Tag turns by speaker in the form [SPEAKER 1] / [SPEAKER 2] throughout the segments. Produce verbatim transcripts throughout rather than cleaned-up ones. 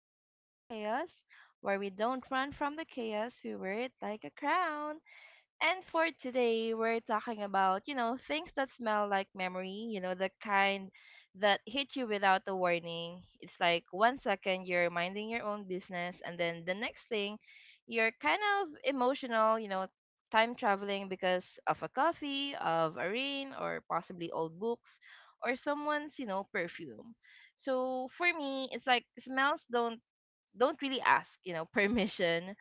[SPEAKER 1] to Crowned in Chaos, where we don't run from the chaos, we wear it like a crown. And for today, we're talking about, you know, things that smell like memory, you know, the kind that hit you without a warning. It's like one second you're minding your own business, and then the next thing you're kind of emotional, you know, time traveling because of a coffee, of a rain, or possibly old books, or someone's, you know, perfume. So for me, it's like smells don't don't really ask, you know, permission.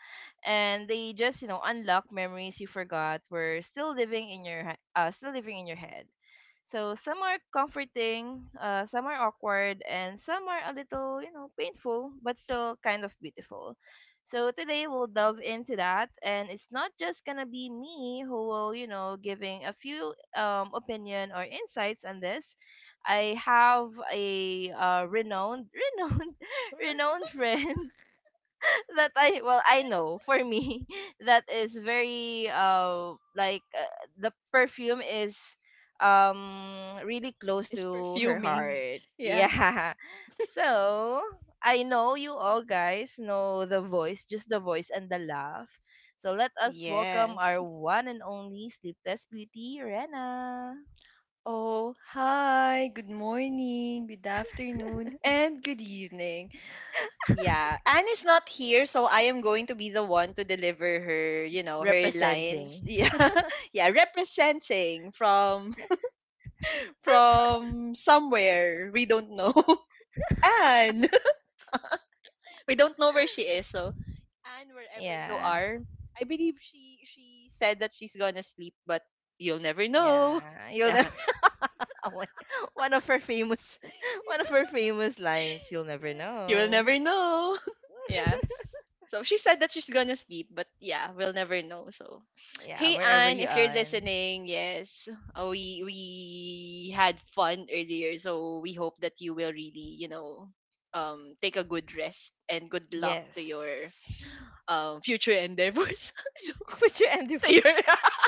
[SPEAKER 1] And they just, you know, unlock memories you forgot were still living in your he- uh still living in your head. So some are comforting, uh, some are awkward, and some are a little, you know, painful, but still kind of beautiful. So today we'll delve into that, and it's not just gonna be me who will, you know, giving a few um, opinion or insights on this. I have a uh, renowned, renowned, renowned
[SPEAKER 2] Pronouns
[SPEAKER 1] friend that I, well, I know for me that is very uh like uh, the perfume is um really close
[SPEAKER 2] is
[SPEAKER 1] to her
[SPEAKER 2] perfuming.
[SPEAKER 1] heart.
[SPEAKER 2] Yeah.
[SPEAKER 1] Yeah. So I know you all guys know the voice, just the voice and the laugh. So let us welcome
[SPEAKER 2] Yes.
[SPEAKER 1] our one and only sleepless beauty, Rena,
[SPEAKER 2] Oh, hi. Good morning, good afternoon, and good evening. Yeah. Anne is not here, so I am going to be the one to deliver her, you know, her lines.
[SPEAKER 1] representing.
[SPEAKER 2] Yeah. Yeah, representing from from somewhere we don't know. Anne. We don't know where she is. So, Anne, wherever you
[SPEAKER 1] Yeah.
[SPEAKER 2] are, I believe she she said that she's gonna sleep, but you'll never know.
[SPEAKER 1] Yeah, you'll never.
[SPEAKER 2] Yeah,
[SPEAKER 1] Oh my- one of her famous, one of her famous lines. You'll never
[SPEAKER 2] you will
[SPEAKER 1] know.
[SPEAKER 2] never know. Yeah. So she said that she's gonna sleep, but yeah, we'll never know. So,
[SPEAKER 1] Yeah,
[SPEAKER 2] hey
[SPEAKER 1] wherever
[SPEAKER 2] Anne,
[SPEAKER 1] you
[SPEAKER 2] if you're
[SPEAKER 1] are.
[SPEAKER 2] listening, yes, uh, we we had fun earlier, so we hope that you will really, you know, um, take a good rest and good luck to
[SPEAKER 1] Yes.
[SPEAKER 2] your um future endeavors.
[SPEAKER 1] Put your end
[SPEAKER 2] To your
[SPEAKER 1] first.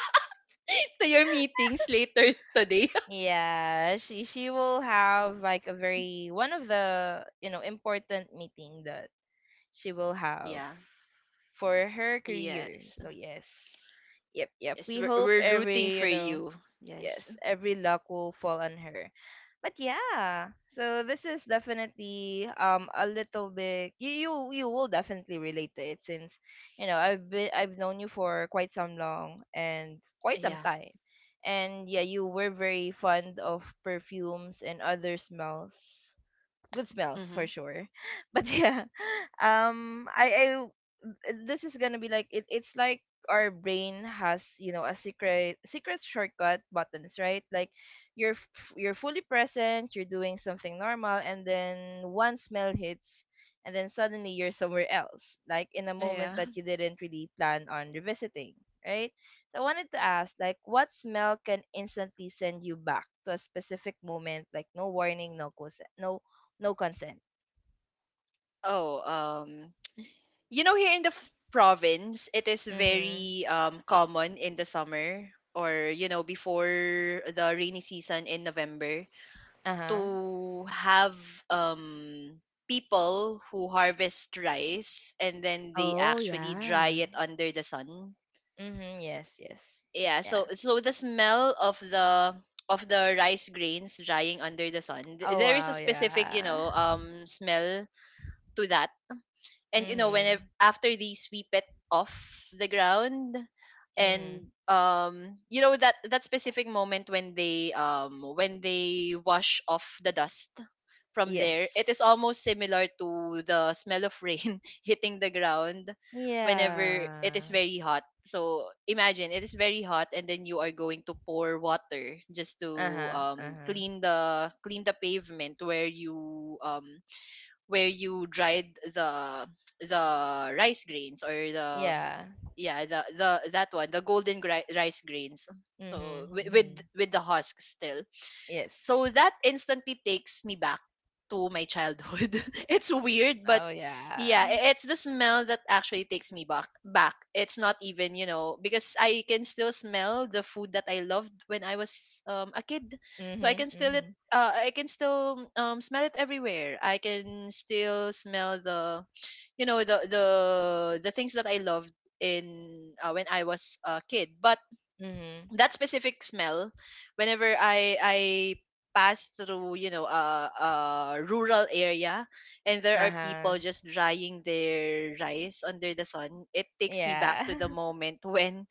[SPEAKER 2] to your meetings later today.
[SPEAKER 1] Yeah, she she will have like a very one of the you know important meeting that she will have
[SPEAKER 2] Yeah.
[SPEAKER 1] for her career.
[SPEAKER 2] Yes.
[SPEAKER 1] So yes. Yep, yep.
[SPEAKER 2] Yes,
[SPEAKER 1] We
[SPEAKER 2] we're,
[SPEAKER 1] hope
[SPEAKER 2] we're rooting
[SPEAKER 1] every, you
[SPEAKER 2] for
[SPEAKER 1] know,
[SPEAKER 2] you. Yes.
[SPEAKER 1] yes, every luck will fall on her. But yeah, so this is definitely um a little bit you you you will definitely relate to it since you know I've been I've known you for quite some long and quite some
[SPEAKER 2] Yeah.
[SPEAKER 1] time. And yeah, you were very fond of perfumes and other smells, good smells
[SPEAKER 2] Mm-hmm.
[SPEAKER 1] for sure. But yeah, um, I, I w- this is gonna be like it, it's like our brain has you know a secret secret shortcut buttons, right? Like you're f- you're fully present, you're doing something normal, and then one smell hits, and then suddenly you're somewhere else, like in a moment
[SPEAKER 2] Yeah.
[SPEAKER 1] that you didn't really plan on revisiting, right? So I wanted to ask, like, what smell can instantly send you back to a specific moment, like no warning, no cause, no no consent.
[SPEAKER 2] Oh, um, you know, here in the f- province, it is
[SPEAKER 1] Mm-hmm.
[SPEAKER 2] very um common in the summer or you know before the rainy season in November
[SPEAKER 1] Uh-huh.
[SPEAKER 2] to have um people who harvest rice and then they
[SPEAKER 1] Oh
[SPEAKER 2] actually dry
[SPEAKER 1] yeah.
[SPEAKER 2] it under the sun.
[SPEAKER 1] Mm-hmm. Yes, yes.
[SPEAKER 2] Yeah.
[SPEAKER 1] Yeah.
[SPEAKER 2] So so the smell of the of the rice grains drying under the sun, th-
[SPEAKER 1] Oh
[SPEAKER 2] there is a
[SPEAKER 1] wow,
[SPEAKER 2] specific you
[SPEAKER 1] yeah.
[SPEAKER 2] know um smell to that. And you know whenever
[SPEAKER 1] Mm-hmm.
[SPEAKER 2] after they sweep it off the ground, and
[SPEAKER 1] Mm-hmm.
[SPEAKER 2] um you know that that specific moment when they um when they wash off the dust from
[SPEAKER 1] Yes.
[SPEAKER 2] there, it is almost similar to the smell of rain hitting the ground whenever it is
[SPEAKER 1] Yeah.
[SPEAKER 2] very hot. So imagine it is very hot, and then you are going to pour water just to
[SPEAKER 1] Uh-huh.
[SPEAKER 2] um
[SPEAKER 1] Uh-huh.
[SPEAKER 2] clean the clean the pavement where you um where you dried the the rice grains or the,
[SPEAKER 1] Yeah.
[SPEAKER 2] yeah, the the that one, the golden gri- rice grains, so
[SPEAKER 1] Mm-hmm.
[SPEAKER 2] with, with
[SPEAKER 1] Mm-hmm.
[SPEAKER 2] with the husk still.
[SPEAKER 1] Yes.
[SPEAKER 2] So that instantly takes me back to my childhood. It's weird, but
[SPEAKER 1] Oh
[SPEAKER 2] yeah,
[SPEAKER 1] yeah.
[SPEAKER 2] i- it's the smell that actually takes me back back It's not even, you know because I can still smell the food that I loved when I was um, a kid. So i can
[SPEAKER 1] Mm-hmm.
[SPEAKER 2] still it
[SPEAKER 1] Mm-hmm.
[SPEAKER 2] uh, I can still um, smell it everywhere. I can still smell the you know the the the things that I loved in uh, when I was a kid. But
[SPEAKER 1] Mm-hmm.
[SPEAKER 2] that specific smell, whenever I I pass through you know a, a rural area, and there are
[SPEAKER 1] Uh-huh.
[SPEAKER 2] people just drying their rice under the sun, it takes me back
[SPEAKER 1] Yeah.
[SPEAKER 2] to the moment when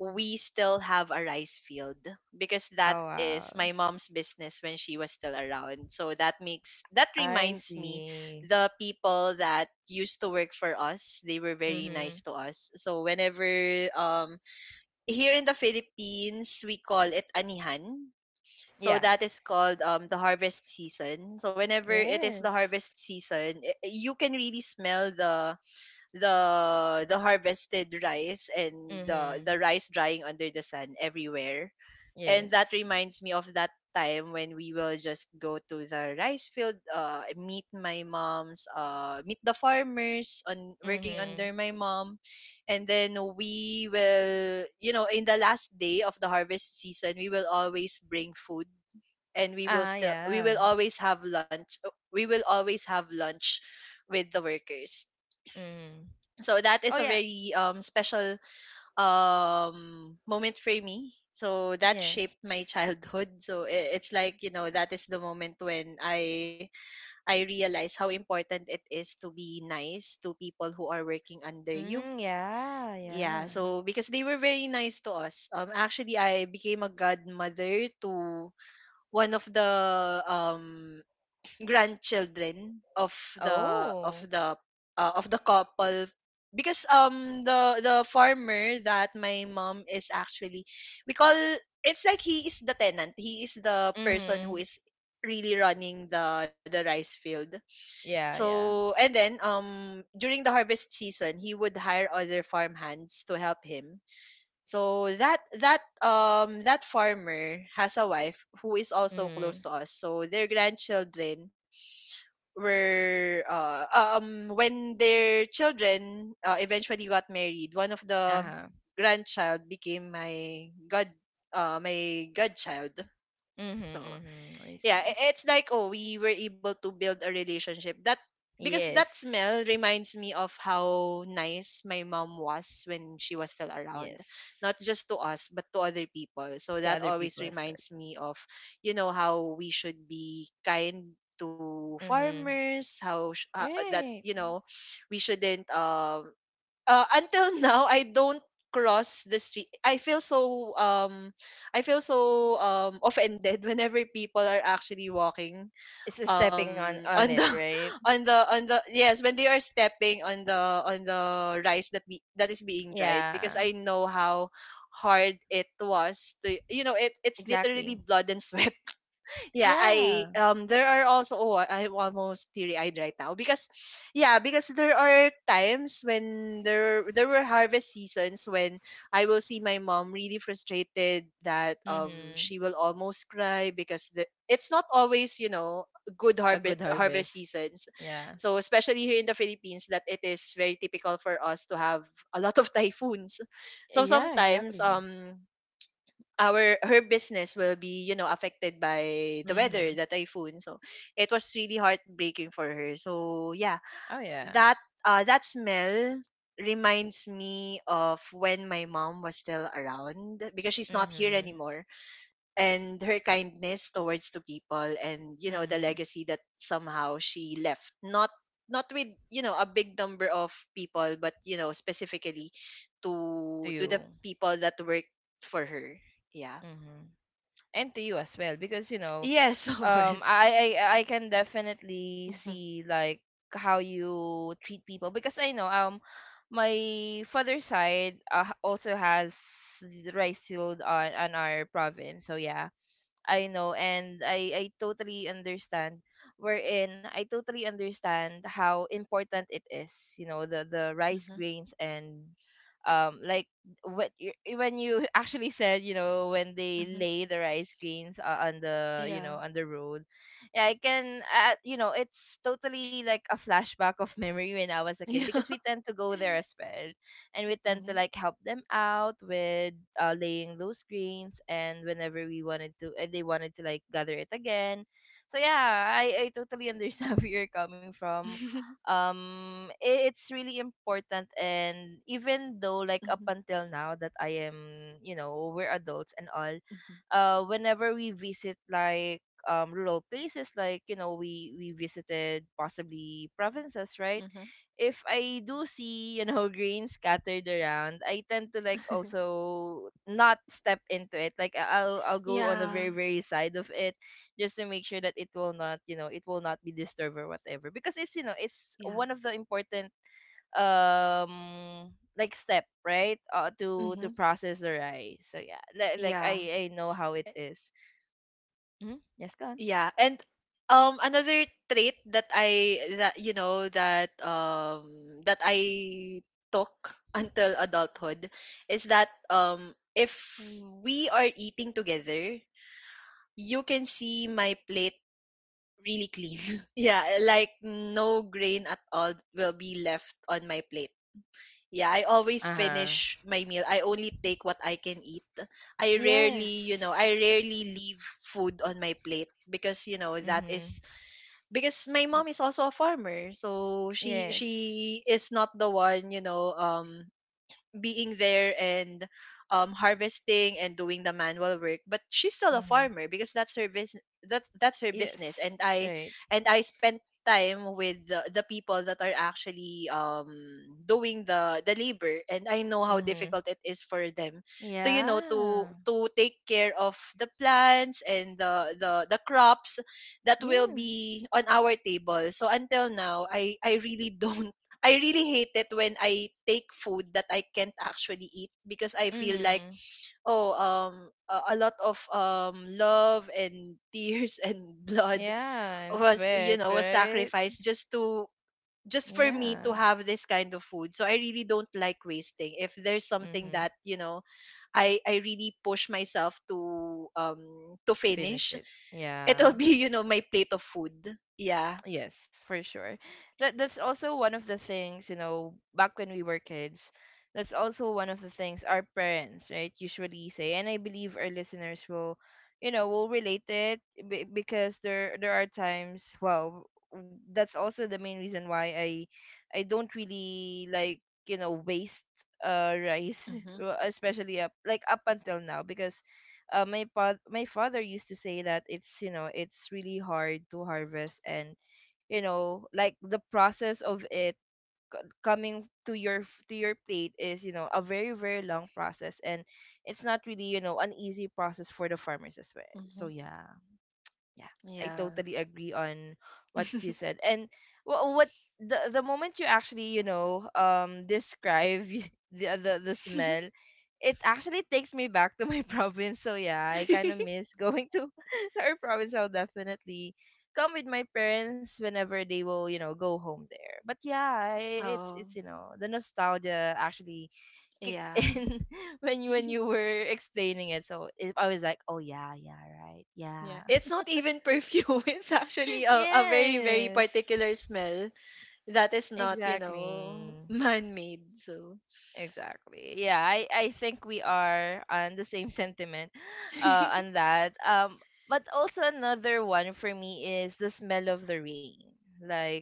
[SPEAKER 2] we still have a rice field, because that
[SPEAKER 1] Oh
[SPEAKER 2] is
[SPEAKER 1] wow.
[SPEAKER 2] my mom's business when she was still around. So that makes that
[SPEAKER 1] I
[SPEAKER 2] reminds me,
[SPEAKER 1] see.
[SPEAKER 2] the people that used to work for us, they were very
[SPEAKER 1] Mm-hmm.
[SPEAKER 2] nice to us. So whenever um here in the Philippines, we call it anihan. So
[SPEAKER 1] Yeah.
[SPEAKER 2] that is called um the harvest season. So whenever it is the
[SPEAKER 1] Yes.
[SPEAKER 2] harvest season, i- you can really smell the the the harvested rice and the the
[SPEAKER 1] Mm-hmm.
[SPEAKER 2] rice drying under the sun everywhere. And
[SPEAKER 1] Yes.
[SPEAKER 2] that reminds me of that time when we will just go to the rice field, uh, meet my mom's, uh, meet the farmers on working
[SPEAKER 1] Mm-hmm.
[SPEAKER 2] under my mom, and then we will, you know, in the last day of the harvest season, we will always bring food, and we will
[SPEAKER 1] Ah,
[SPEAKER 2] still, we will
[SPEAKER 1] yeah.
[SPEAKER 2] always have lunch. We will always have lunch with the workers.
[SPEAKER 1] Mm.
[SPEAKER 2] So that
[SPEAKER 1] Oh,
[SPEAKER 2] is a
[SPEAKER 1] yeah.
[SPEAKER 2] very um special um moment for me, so that
[SPEAKER 1] Yes.
[SPEAKER 2] shaped my childhood. So i- it's like, you know that is the moment when i i realize how important it is to be nice to people who are working under you.
[SPEAKER 1] Mm, yeah,
[SPEAKER 2] Yeah,
[SPEAKER 1] yeah.
[SPEAKER 2] so because they were very nice to us. Um actually, I became a godmother to one of the um grandchildren of the of
[SPEAKER 1] Oh.
[SPEAKER 2] the uh, of the couple, because um the the farmer that my mom is actually we call it's like he is the tenant. He is the person who
[SPEAKER 1] Mm-hmm.
[SPEAKER 2] is really running the the rice field.
[SPEAKER 1] Yeah, yeah.
[SPEAKER 2] So and then um during the harvest season, he would hire other farm hands to help him. So that that um that farmer has a wife who is also
[SPEAKER 1] Mm-hmm.
[SPEAKER 2] close to us. So their grandchildren were uh, uh, um when their children uh, eventually got married, one of the
[SPEAKER 1] Uh-huh.
[SPEAKER 2] grandchild became my god uh, my godchild.
[SPEAKER 1] Mm-hmm,
[SPEAKER 2] So
[SPEAKER 1] mm-hmm. I
[SPEAKER 2] yeah,
[SPEAKER 1] see.
[SPEAKER 2] i- it's like, oh, we were able to build a relationship. That Because
[SPEAKER 1] Yes.
[SPEAKER 2] that smell reminds me of how nice my mom was when she was still around,
[SPEAKER 1] Yes.
[SPEAKER 2] not just to us but to other people. So
[SPEAKER 1] To
[SPEAKER 2] that
[SPEAKER 1] other
[SPEAKER 2] always
[SPEAKER 1] people as well.
[SPEAKER 2] reminds me of, you know how we should be kind to
[SPEAKER 1] Mm-hmm.
[SPEAKER 2] farmers, how sh- uh, uh, that,
[SPEAKER 1] Right.
[SPEAKER 2] you know we shouldn't, um uh, until now, I don't cross the street. I feel so um I feel so um offended whenever people are actually walking
[SPEAKER 1] It's a stepping on
[SPEAKER 2] um on
[SPEAKER 1] on
[SPEAKER 2] the
[SPEAKER 1] it, right?
[SPEAKER 2] on the on the yes, when they are stepping on the on the rice that be, that is being dried, because
[SPEAKER 1] Yeah.
[SPEAKER 2] I know how hard it was to, you know it it's literally
[SPEAKER 1] Exactly.
[SPEAKER 2] blood and sweat. Yeah, I
[SPEAKER 1] Yeah.
[SPEAKER 2] um there are also, oh, I'm almost teary eyed right now, because yeah, because there are times when there there were harvest seasons when I will see my mom really frustrated, that um
[SPEAKER 1] Mm-hmm.
[SPEAKER 2] she will almost cry, because the, it's not always, you know, good
[SPEAKER 1] A good
[SPEAKER 2] harvest harvest
[SPEAKER 1] harvest.
[SPEAKER 2] seasons.
[SPEAKER 1] Yeah.
[SPEAKER 2] So especially here in the Philippines, that it is very typical for us to have a lot of typhoons. So
[SPEAKER 1] Yeah,
[SPEAKER 2] sometimes
[SPEAKER 1] exactly.
[SPEAKER 2] um our her business will be, you know affected by the weather,
[SPEAKER 1] Mm-hmm.
[SPEAKER 2] the typhoon. So it was really heartbreaking for her. So yeah,
[SPEAKER 1] Oh yeah.
[SPEAKER 2] that uh that smell reminds me of when my mom was still around, because she's not here
[SPEAKER 1] Mm-hmm.
[SPEAKER 2] anymore, and her kindness towards the people, and, you know the
[SPEAKER 1] Mm-hmm.
[SPEAKER 2] legacy that somehow she left, not not with, you know a big number of people, but, you know specifically
[SPEAKER 1] To
[SPEAKER 2] to to the
[SPEAKER 1] you.
[SPEAKER 2] people that worked for her. Yeah.
[SPEAKER 1] Hmm. And to you as well, because you know
[SPEAKER 2] Yes, of
[SPEAKER 1] um
[SPEAKER 2] course.
[SPEAKER 1] I, I i can definitely
[SPEAKER 2] Mhm,
[SPEAKER 1] see, like, how you treat people, because I know um my father's side uh, also has the rice field on on our province. So yeah, I know, and I I totally understand, wherein I totally understand how important it is, you know, the the rice
[SPEAKER 2] mhm,
[SPEAKER 1] grains, and um like what you, when you actually said, you know, when they
[SPEAKER 2] mhm.
[SPEAKER 1] lay the rice grains uh, on the, you
[SPEAKER 2] Yeah.
[SPEAKER 1] know, on the road. Yeah, I can, uh, you know, it's totally like a flashback of memory when I was a kid,
[SPEAKER 2] Yeah.
[SPEAKER 1] because we tend to go there as well, and we tend to
[SPEAKER 2] Mhm.
[SPEAKER 1] like help them out with uh, laying those grains, and whenever we wanted to uh, they wanted to like gather it again. So yeah, i i totally understand where you're coming from. Um i- it's really important, and even though, like, up
[SPEAKER 2] Mhm,
[SPEAKER 1] until now that I am you know we're adults and all,
[SPEAKER 2] mhm,
[SPEAKER 1] uh whenever we visit, like, um rural places, like, you know we we visited possibly provinces, right?
[SPEAKER 2] mhm.
[SPEAKER 1] If I do see, you know, grains scattered around, I tend to like also not step into it. Like I- I'll I'll go on the
[SPEAKER 2] Yeah.
[SPEAKER 1] very very side of it, just to make sure that it will not, you know, it will not be disturbed or whatever. Because it's, you know, it's
[SPEAKER 2] Yeah.
[SPEAKER 1] one of the important um like step, right? Uh, to to
[SPEAKER 2] Mhm.
[SPEAKER 1] process the rice. So yeah, li- like
[SPEAKER 2] Yeah.
[SPEAKER 1] I I know how it
[SPEAKER 2] Eh,
[SPEAKER 1] is. Mm-hmm. Yes, gone.
[SPEAKER 2] yeah. And um another trait that I that you know that um that I took until adulthood is that, um if we are eating together, you can see my plate really clean. Yeah, eh, like no grain at all will be left on my plate. Yeah, I always
[SPEAKER 1] Uh-huh.
[SPEAKER 2] finish my meal. I only take what I can eat. I rarely,
[SPEAKER 1] Yes.
[SPEAKER 2] you know, I rarely leave food on my plate, because, you know, that
[SPEAKER 1] Mhm.
[SPEAKER 2] is because my mom is also a farmer. So she
[SPEAKER 1] Yes.
[SPEAKER 2] she is not the one, you know, um being there and, um, harvesting and doing the manual work, but she's still a
[SPEAKER 1] Mm-hmm.
[SPEAKER 2] farmer because that's her business. That's that's her
[SPEAKER 1] Yes.
[SPEAKER 2] business, and i
[SPEAKER 1] Right.
[SPEAKER 2] and i spent time with the, the people that are actually um doing the the labor, and I know how
[SPEAKER 1] Mm-hmm.
[SPEAKER 2] difficult it is for them to, you know to
[SPEAKER 1] Yeah.
[SPEAKER 2] to take care of the plants and the the the crops that will
[SPEAKER 1] Yes.
[SPEAKER 2] be on our table. So until now, i i really don't, I really hate it when I take food that I can't actually eat, because I feel like,
[SPEAKER 1] Mm-hmm.
[SPEAKER 2] oh um a, a lot of um love and tears and blood
[SPEAKER 1] Yeah. And
[SPEAKER 2] was, you
[SPEAKER 1] sweat,
[SPEAKER 2] know was
[SPEAKER 1] right?
[SPEAKER 2] sacrificed just to just for me
[SPEAKER 1] Yeah.
[SPEAKER 2] to have this kind of food. So I really don't like wasting. If there's something
[SPEAKER 1] Mm-hmm.
[SPEAKER 2] that, you know, I I really push myself to um to finish,
[SPEAKER 1] Finish it. Yeah.
[SPEAKER 2] it'll be, you know, my plate of food. Yeah.
[SPEAKER 1] Yes, for sure. That that's also one of the things, you know, back when we were kids, that's also one of the things our parents, right, usually say. And I believe our listeners will, you know, will relate it be- because there there are times, well, w- that's also the main reason why I I don't really like, you know, waste uh rice,
[SPEAKER 2] Mhm,
[SPEAKER 1] uh, especially up, like up until now, because uh, my pa- my father used to say that it's you know it's really hard to harvest, and you know like the process of it coming to your to your plate is you know a very very long process, and it's not really you know an easy process for the farmers as well. So
[SPEAKER 2] mhm.
[SPEAKER 1] yeah, yeah, I
[SPEAKER 2] Yeah.
[SPEAKER 1] totally agree on what you said. And what what the the moment you actually, you know, um describe y- the the, the smell, it actually takes me back to my province. So yeah, I kind of miss going to our province. I'll definitely come with my parents whenever they will, you know, go home there. But yeah, i- it's
[SPEAKER 2] Oh,
[SPEAKER 1] it's you know, the nostalgia actually kicked
[SPEAKER 2] yeah.
[SPEAKER 1] in when you when you were explaining it. So it, I was like, "Oh yeah, yeah, right.
[SPEAKER 2] Yeah,
[SPEAKER 1] Yeah."
[SPEAKER 2] it's not even perfume. It's actually a, a very, very
[SPEAKER 1] Yes.
[SPEAKER 2] particular smell that is not, you
[SPEAKER 1] Exactly.
[SPEAKER 2] know, man-made. So,
[SPEAKER 1] Exactly. Yeah, I I think we are on the same sentiment uh on that. Um, but also another one for me is the smell of the rain. Like,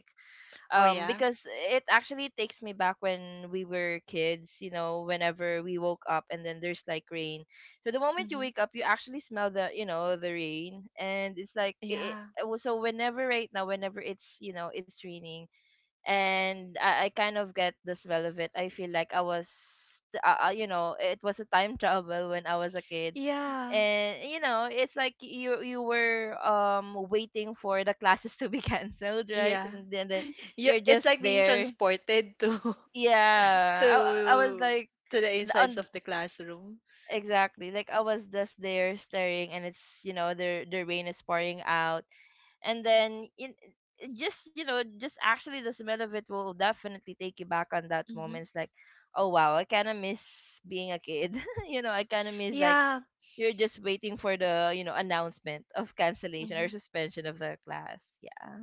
[SPEAKER 2] oh,
[SPEAKER 1] um
[SPEAKER 2] yeah.
[SPEAKER 1] because it actually takes me back when we were kids, you know, whenever we woke up and then there's like rain. So the moment you
[SPEAKER 2] Mhm.
[SPEAKER 1] wake up, you actually smell the, you know, the rain, and it's like it,
[SPEAKER 2] Yeah.
[SPEAKER 1] it so whenever right now, whenever it's, you know, it's raining, and I, I kind of get the smell of it. I feel like I was, uh, uh, you know, it was a time travel when I was a kid,
[SPEAKER 2] Yeah.
[SPEAKER 1] and you know, it's like you you were um waiting for the classes to be canceled, right?
[SPEAKER 2] Yeah.
[SPEAKER 1] And then then
[SPEAKER 2] You,
[SPEAKER 1] you're
[SPEAKER 2] it's
[SPEAKER 1] just
[SPEAKER 2] like being
[SPEAKER 1] there.
[SPEAKER 2] transported to to
[SPEAKER 1] Yeah, I I was like,
[SPEAKER 2] to the
[SPEAKER 1] the-
[SPEAKER 2] insides
[SPEAKER 1] on
[SPEAKER 2] of the classroom.
[SPEAKER 1] exactly, like I was just there staring, and it's you know the the rain is pouring out, and then in just you know just actually the smell of it will definitely take you back on that
[SPEAKER 2] Hmm.
[SPEAKER 1] moment. It's like, oh wow, I kind of miss being a kid. you know I kind of miss, like,
[SPEAKER 2] Yeah.
[SPEAKER 1] you're just waiting for the you know announcement of cancellation or
[SPEAKER 2] Hmm.
[SPEAKER 1] suspension of the class. Yeah.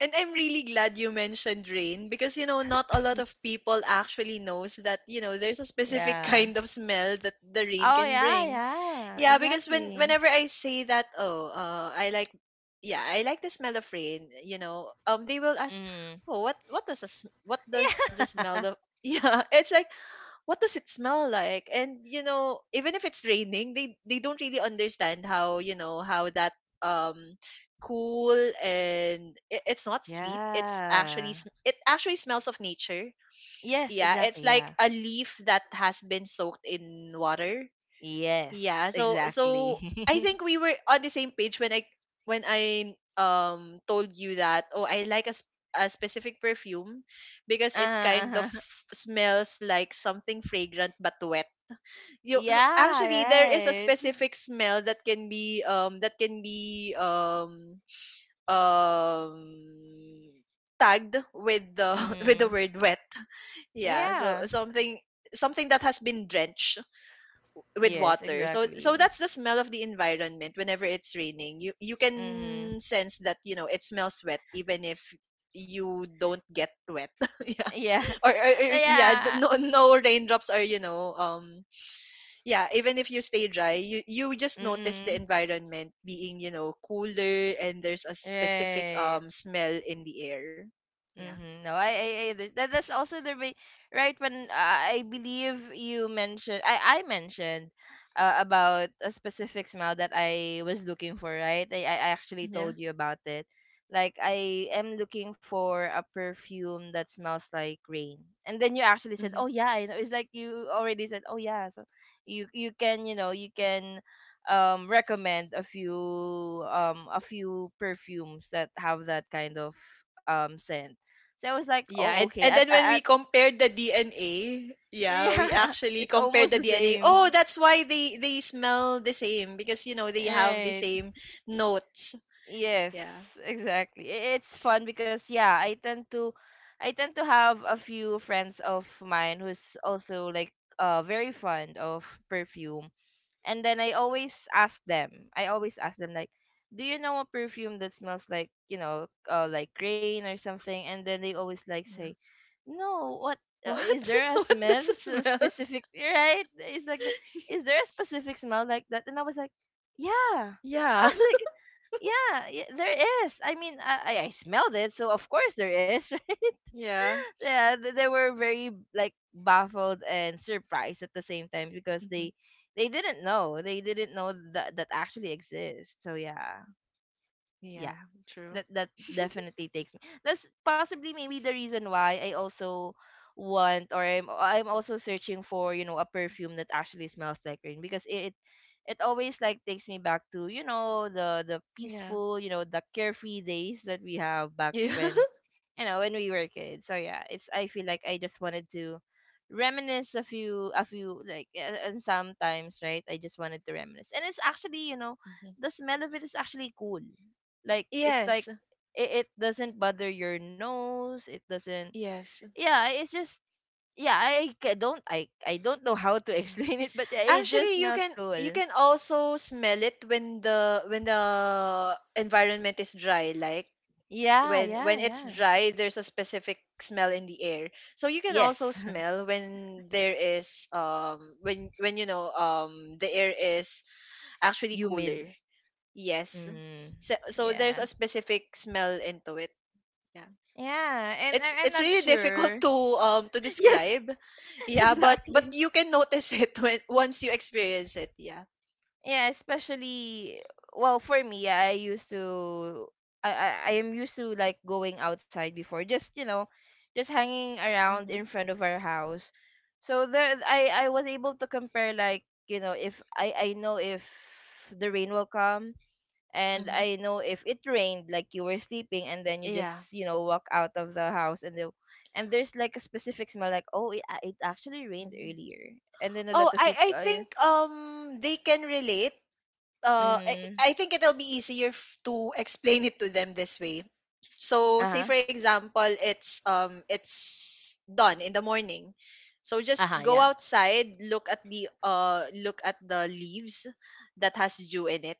[SPEAKER 2] And I'm really glad you mentioned rain, because, you know not a lot of people actually knows that, you know there's a specific
[SPEAKER 1] Yeah.
[SPEAKER 2] kind of smell that the rain
[SPEAKER 1] Oh
[SPEAKER 2] can
[SPEAKER 1] yeah.
[SPEAKER 2] bring.
[SPEAKER 1] Yeah,
[SPEAKER 2] Yeah, because when
[SPEAKER 1] exactly.
[SPEAKER 2] whenever I say that, oh, uh, I like, yeah, I like the smell of rain. You know, um, they will ask,
[SPEAKER 1] Mm.
[SPEAKER 2] oh, what what does a, what does the
[SPEAKER 1] Yeah,
[SPEAKER 2] smell of yeah? It's like, what does it smell like? And you know even if it's raining, they they don't really understand how, you know how that, um cool, and it, it's not sweet, it's
[SPEAKER 1] yeah,
[SPEAKER 2] actually sm- it actually smells of nature.
[SPEAKER 1] yes,
[SPEAKER 2] Yeah, it's
[SPEAKER 1] exactly.
[SPEAKER 2] like
[SPEAKER 1] Yeah,
[SPEAKER 2] a leaf that has been soaked in water.
[SPEAKER 1] yes,
[SPEAKER 2] Yeah, so so
[SPEAKER 1] exactly.
[SPEAKER 2] I think we were on the same page when I when I um told you that, oh, I like a, sp- a specific perfume because it
[SPEAKER 1] Uh-huh,
[SPEAKER 2] kind of
[SPEAKER 1] uh-huh.
[SPEAKER 2] smells like something fragrant but wet. You s- actually there
[SPEAKER 1] Yeah,
[SPEAKER 2] is a
[SPEAKER 1] right.
[SPEAKER 2] specific smell that can be um that can be um um tagged with the with
[SPEAKER 1] Mm-hmm.
[SPEAKER 2] the word wet. Yeah, so
[SPEAKER 1] Yeah.
[SPEAKER 2] something something that has been drenched with
[SPEAKER 1] Yes,
[SPEAKER 2] water. So so
[SPEAKER 1] exactly.
[SPEAKER 2] that's the smell of the environment whenever it's raining. You you
[SPEAKER 1] Mm-hmm.
[SPEAKER 2] can sense that, you know, it smells wet even if you don't get wet. yeah.
[SPEAKER 1] Yeah.
[SPEAKER 2] Or, or, or yeah, th-
[SPEAKER 1] Yeah.
[SPEAKER 2] no no raindrops are, you know, um yeah, even if you stay dry, you you just notice the
[SPEAKER 1] Mm-hmm.
[SPEAKER 2] environment being, you know, cooler and there's a specific
[SPEAKER 1] Right.
[SPEAKER 2] um smell in the air. Yeah.
[SPEAKER 1] Mm-hmm. No, I, I, I th- that, that's also the re- right when I I believe you mentioned, I I mentioned, uh, about a specific smell that I was looking for, right? I I actually
[SPEAKER 2] Yeah.
[SPEAKER 1] told you about it. Like, I am looking for a perfume that smells like rain. And then you actually said,
[SPEAKER 2] Mm-hmm.
[SPEAKER 1] "Oh yeah, I know." It's like you already said, "Oh yeah." So you you can, you know, you can um recommend a few um a few perfumes that have that kind of um scent. So I was like,
[SPEAKER 2] Yeah,
[SPEAKER 1] oh,
[SPEAKER 2] and,
[SPEAKER 1] okay.
[SPEAKER 2] and
[SPEAKER 1] At,
[SPEAKER 2] then
[SPEAKER 1] at,
[SPEAKER 2] when
[SPEAKER 1] at
[SPEAKER 2] we compared the D N A, yeah, we
[SPEAKER 1] yeah,
[SPEAKER 2] actually
[SPEAKER 1] it's
[SPEAKER 2] compared
[SPEAKER 1] almost
[SPEAKER 2] the
[SPEAKER 1] the
[SPEAKER 2] D N A. Oh,
[SPEAKER 1] same.
[SPEAKER 2] that's why they they smell the same because you know they have the
[SPEAKER 1] Right.
[SPEAKER 2] same notes.
[SPEAKER 1] Yes,
[SPEAKER 2] Yeah.
[SPEAKER 1] exactly. I- It's fun because yeah, I tend to I tend to have a few friends of mine who's also like uh very fond of perfume. And then I always ask them. I always ask them, like, "Do you know a perfume that smells like, you know, uh, like rain or something?" And then they always like
[SPEAKER 2] Yeah.
[SPEAKER 1] say, "No, what, uh, is
[SPEAKER 2] What?
[SPEAKER 1] there a
[SPEAKER 2] what
[SPEAKER 1] smell?"
[SPEAKER 2] does it
[SPEAKER 1] It's a
[SPEAKER 2] smell?
[SPEAKER 1] specific, right? It's like, the, is there a specific smell like that? And I was like, yeah. I
[SPEAKER 2] Yeah.
[SPEAKER 1] was like, yeah, yeah there is. I mean, I, I I smelled it, so of course there is. Right?
[SPEAKER 2] Yeah.
[SPEAKER 1] Yeah, th- they were very like baffled and surprised at the same time because
[SPEAKER 2] hmm
[SPEAKER 1] they they didn't know. They didn't know that that actually exists. So yeah,
[SPEAKER 2] Yeah,
[SPEAKER 1] yeah,
[SPEAKER 2] true.
[SPEAKER 1] that that definitely takes me — that's possibly maybe the reason why I also want, or i'm i'm also searching for you know a perfume that actually smells like rain, because it it always like takes me back to you know the the
[SPEAKER 2] Yeah.
[SPEAKER 1] peaceful, you know the carefree days that we have back
[SPEAKER 2] Yeah.
[SPEAKER 1] when, you know when we were kids. So yeah, it's I feel like I just wanted to reminisce a few, a few like, a- and sometimes, right, I just wanted to reminisce. And it's actually you know
[SPEAKER 2] hmm
[SPEAKER 1] the smell of it is actually cool. Like, it's like
[SPEAKER 2] Yes.
[SPEAKER 1] it, it doesn't bother your nose, it doesn't
[SPEAKER 2] Yes.
[SPEAKER 1] yeah, it's just, yeah. I ca- don't i i don't know how to
[SPEAKER 2] Yeah.
[SPEAKER 1] explain it, but yeah, it just
[SPEAKER 2] Actually, you
[SPEAKER 1] smells
[SPEAKER 2] can you
[SPEAKER 1] cool.
[SPEAKER 2] can also smell it when the when the environment is dry like
[SPEAKER 1] Yeah,
[SPEAKER 2] when
[SPEAKER 1] yeah,
[SPEAKER 2] when it's
[SPEAKER 1] yeah.
[SPEAKER 2] dry there's a specific smell in the air so you can
[SPEAKER 1] Yes.
[SPEAKER 2] also smell when there is um when when you know um the air is actually
[SPEAKER 1] Humid.
[SPEAKER 2] cooler yes
[SPEAKER 1] Mm.
[SPEAKER 2] so, so there's
[SPEAKER 1] Yeah,
[SPEAKER 2] a specific smell into it yeah
[SPEAKER 1] yeah, and I,
[SPEAKER 2] it's
[SPEAKER 1] i'm
[SPEAKER 2] it's
[SPEAKER 1] not
[SPEAKER 2] really difficult
[SPEAKER 1] sure.
[SPEAKER 2] to um to
[SPEAKER 1] Yes.
[SPEAKER 2] describe yeah but but
[SPEAKER 1] Exactly.
[SPEAKER 2] you can notice it when once you experience it yeah
[SPEAKER 1] Yeah, especially, well, for me, yeah, I used to I, I I am used to like going outside before, just, you know, just hanging around
[SPEAKER 2] mm-hmm,
[SPEAKER 1] in front of our house. So there, I I was able to compare, like, you know if I I know if the rain will come, and
[SPEAKER 2] hmm
[SPEAKER 1] I know if it rained, like, you were sleeping and then you
[SPEAKER 2] yeah.
[SPEAKER 1] just, you know walk out of the house, and the and there's like a specific smell, like, oh, it, it actually rained
[SPEAKER 2] Mm.
[SPEAKER 1] earlier. And then a
[SPEAKER 2] Oh,
[SPEAKER 1] lot of
[SPEAKER 2] i i
[SPEAKER 1] people, uh, yeah.
[SPEAKER 2] think um they can relate. uh,
[SPEAKER 1] Mm.
[SPEAKER 2] I, I think it'll be easier f- to explain it to them this way. So, say
[SPEAKER 1] Uh-huh.
[SPEAKER 2] for example, it's um it's done in the morning. So just
[SPEAKER 1] Uh-huh,
[SPEAKER 2] go
[SPEAKER 1] yeah.
[SPEAKER 2] outside, look at the uh look at the leaves that has dew in it.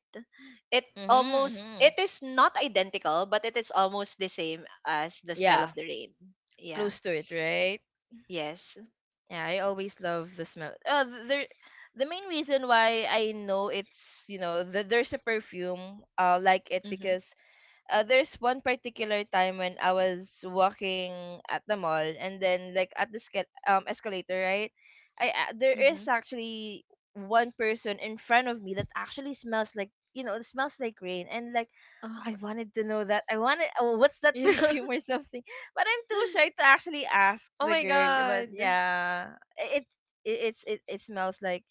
[SPEAKER 2] It
[SPEAKER 1] Mm-hmm,
[SPEAKER 2] almost
[SPEAKER 1] mm-hmm.
[SPEAKER 2] it is not identical, but it is almost the same as the smell
[SPEAKER 1] Yeah,
[SPEAKER 2] of the rain. Yeah.
[SPEAKER 1] close to it, right?
[SPEAKER 2] Yes.
[SPEAKER 1] Yeah, I always love the smell. Uh, th- there, the main reason why I know it's, you know th- there's a perfume, uh like it,
[SPEAKER 2] Mhm.
[SPEAKER 1] because, uh, there's one particular time when I was walking at the mall, and then, like, at the sca- um escalator, right? I uh, there is
[SPEAKER 2] Mhm.
[SPEAKER 1] actually one person in front of me that actually smells like, you know it smells like rain. And like, I
[SPEAKER 2] Oh.
[SPEAKER 1] wanted to know that. I wanted, oh, what's that
[SPEAKER 2] Yeah.
[SPEAKER 1] perfume or something? But I'm too shy to actually ask
[SPEAKER 2] Oh
[SPEAKER 1] the
[SPEAKER 2] my
[SPEAKER 1] girl. But
[SPEAKER 2] god.
[SPEAKER 1] yeah, it it it's it, it smells like,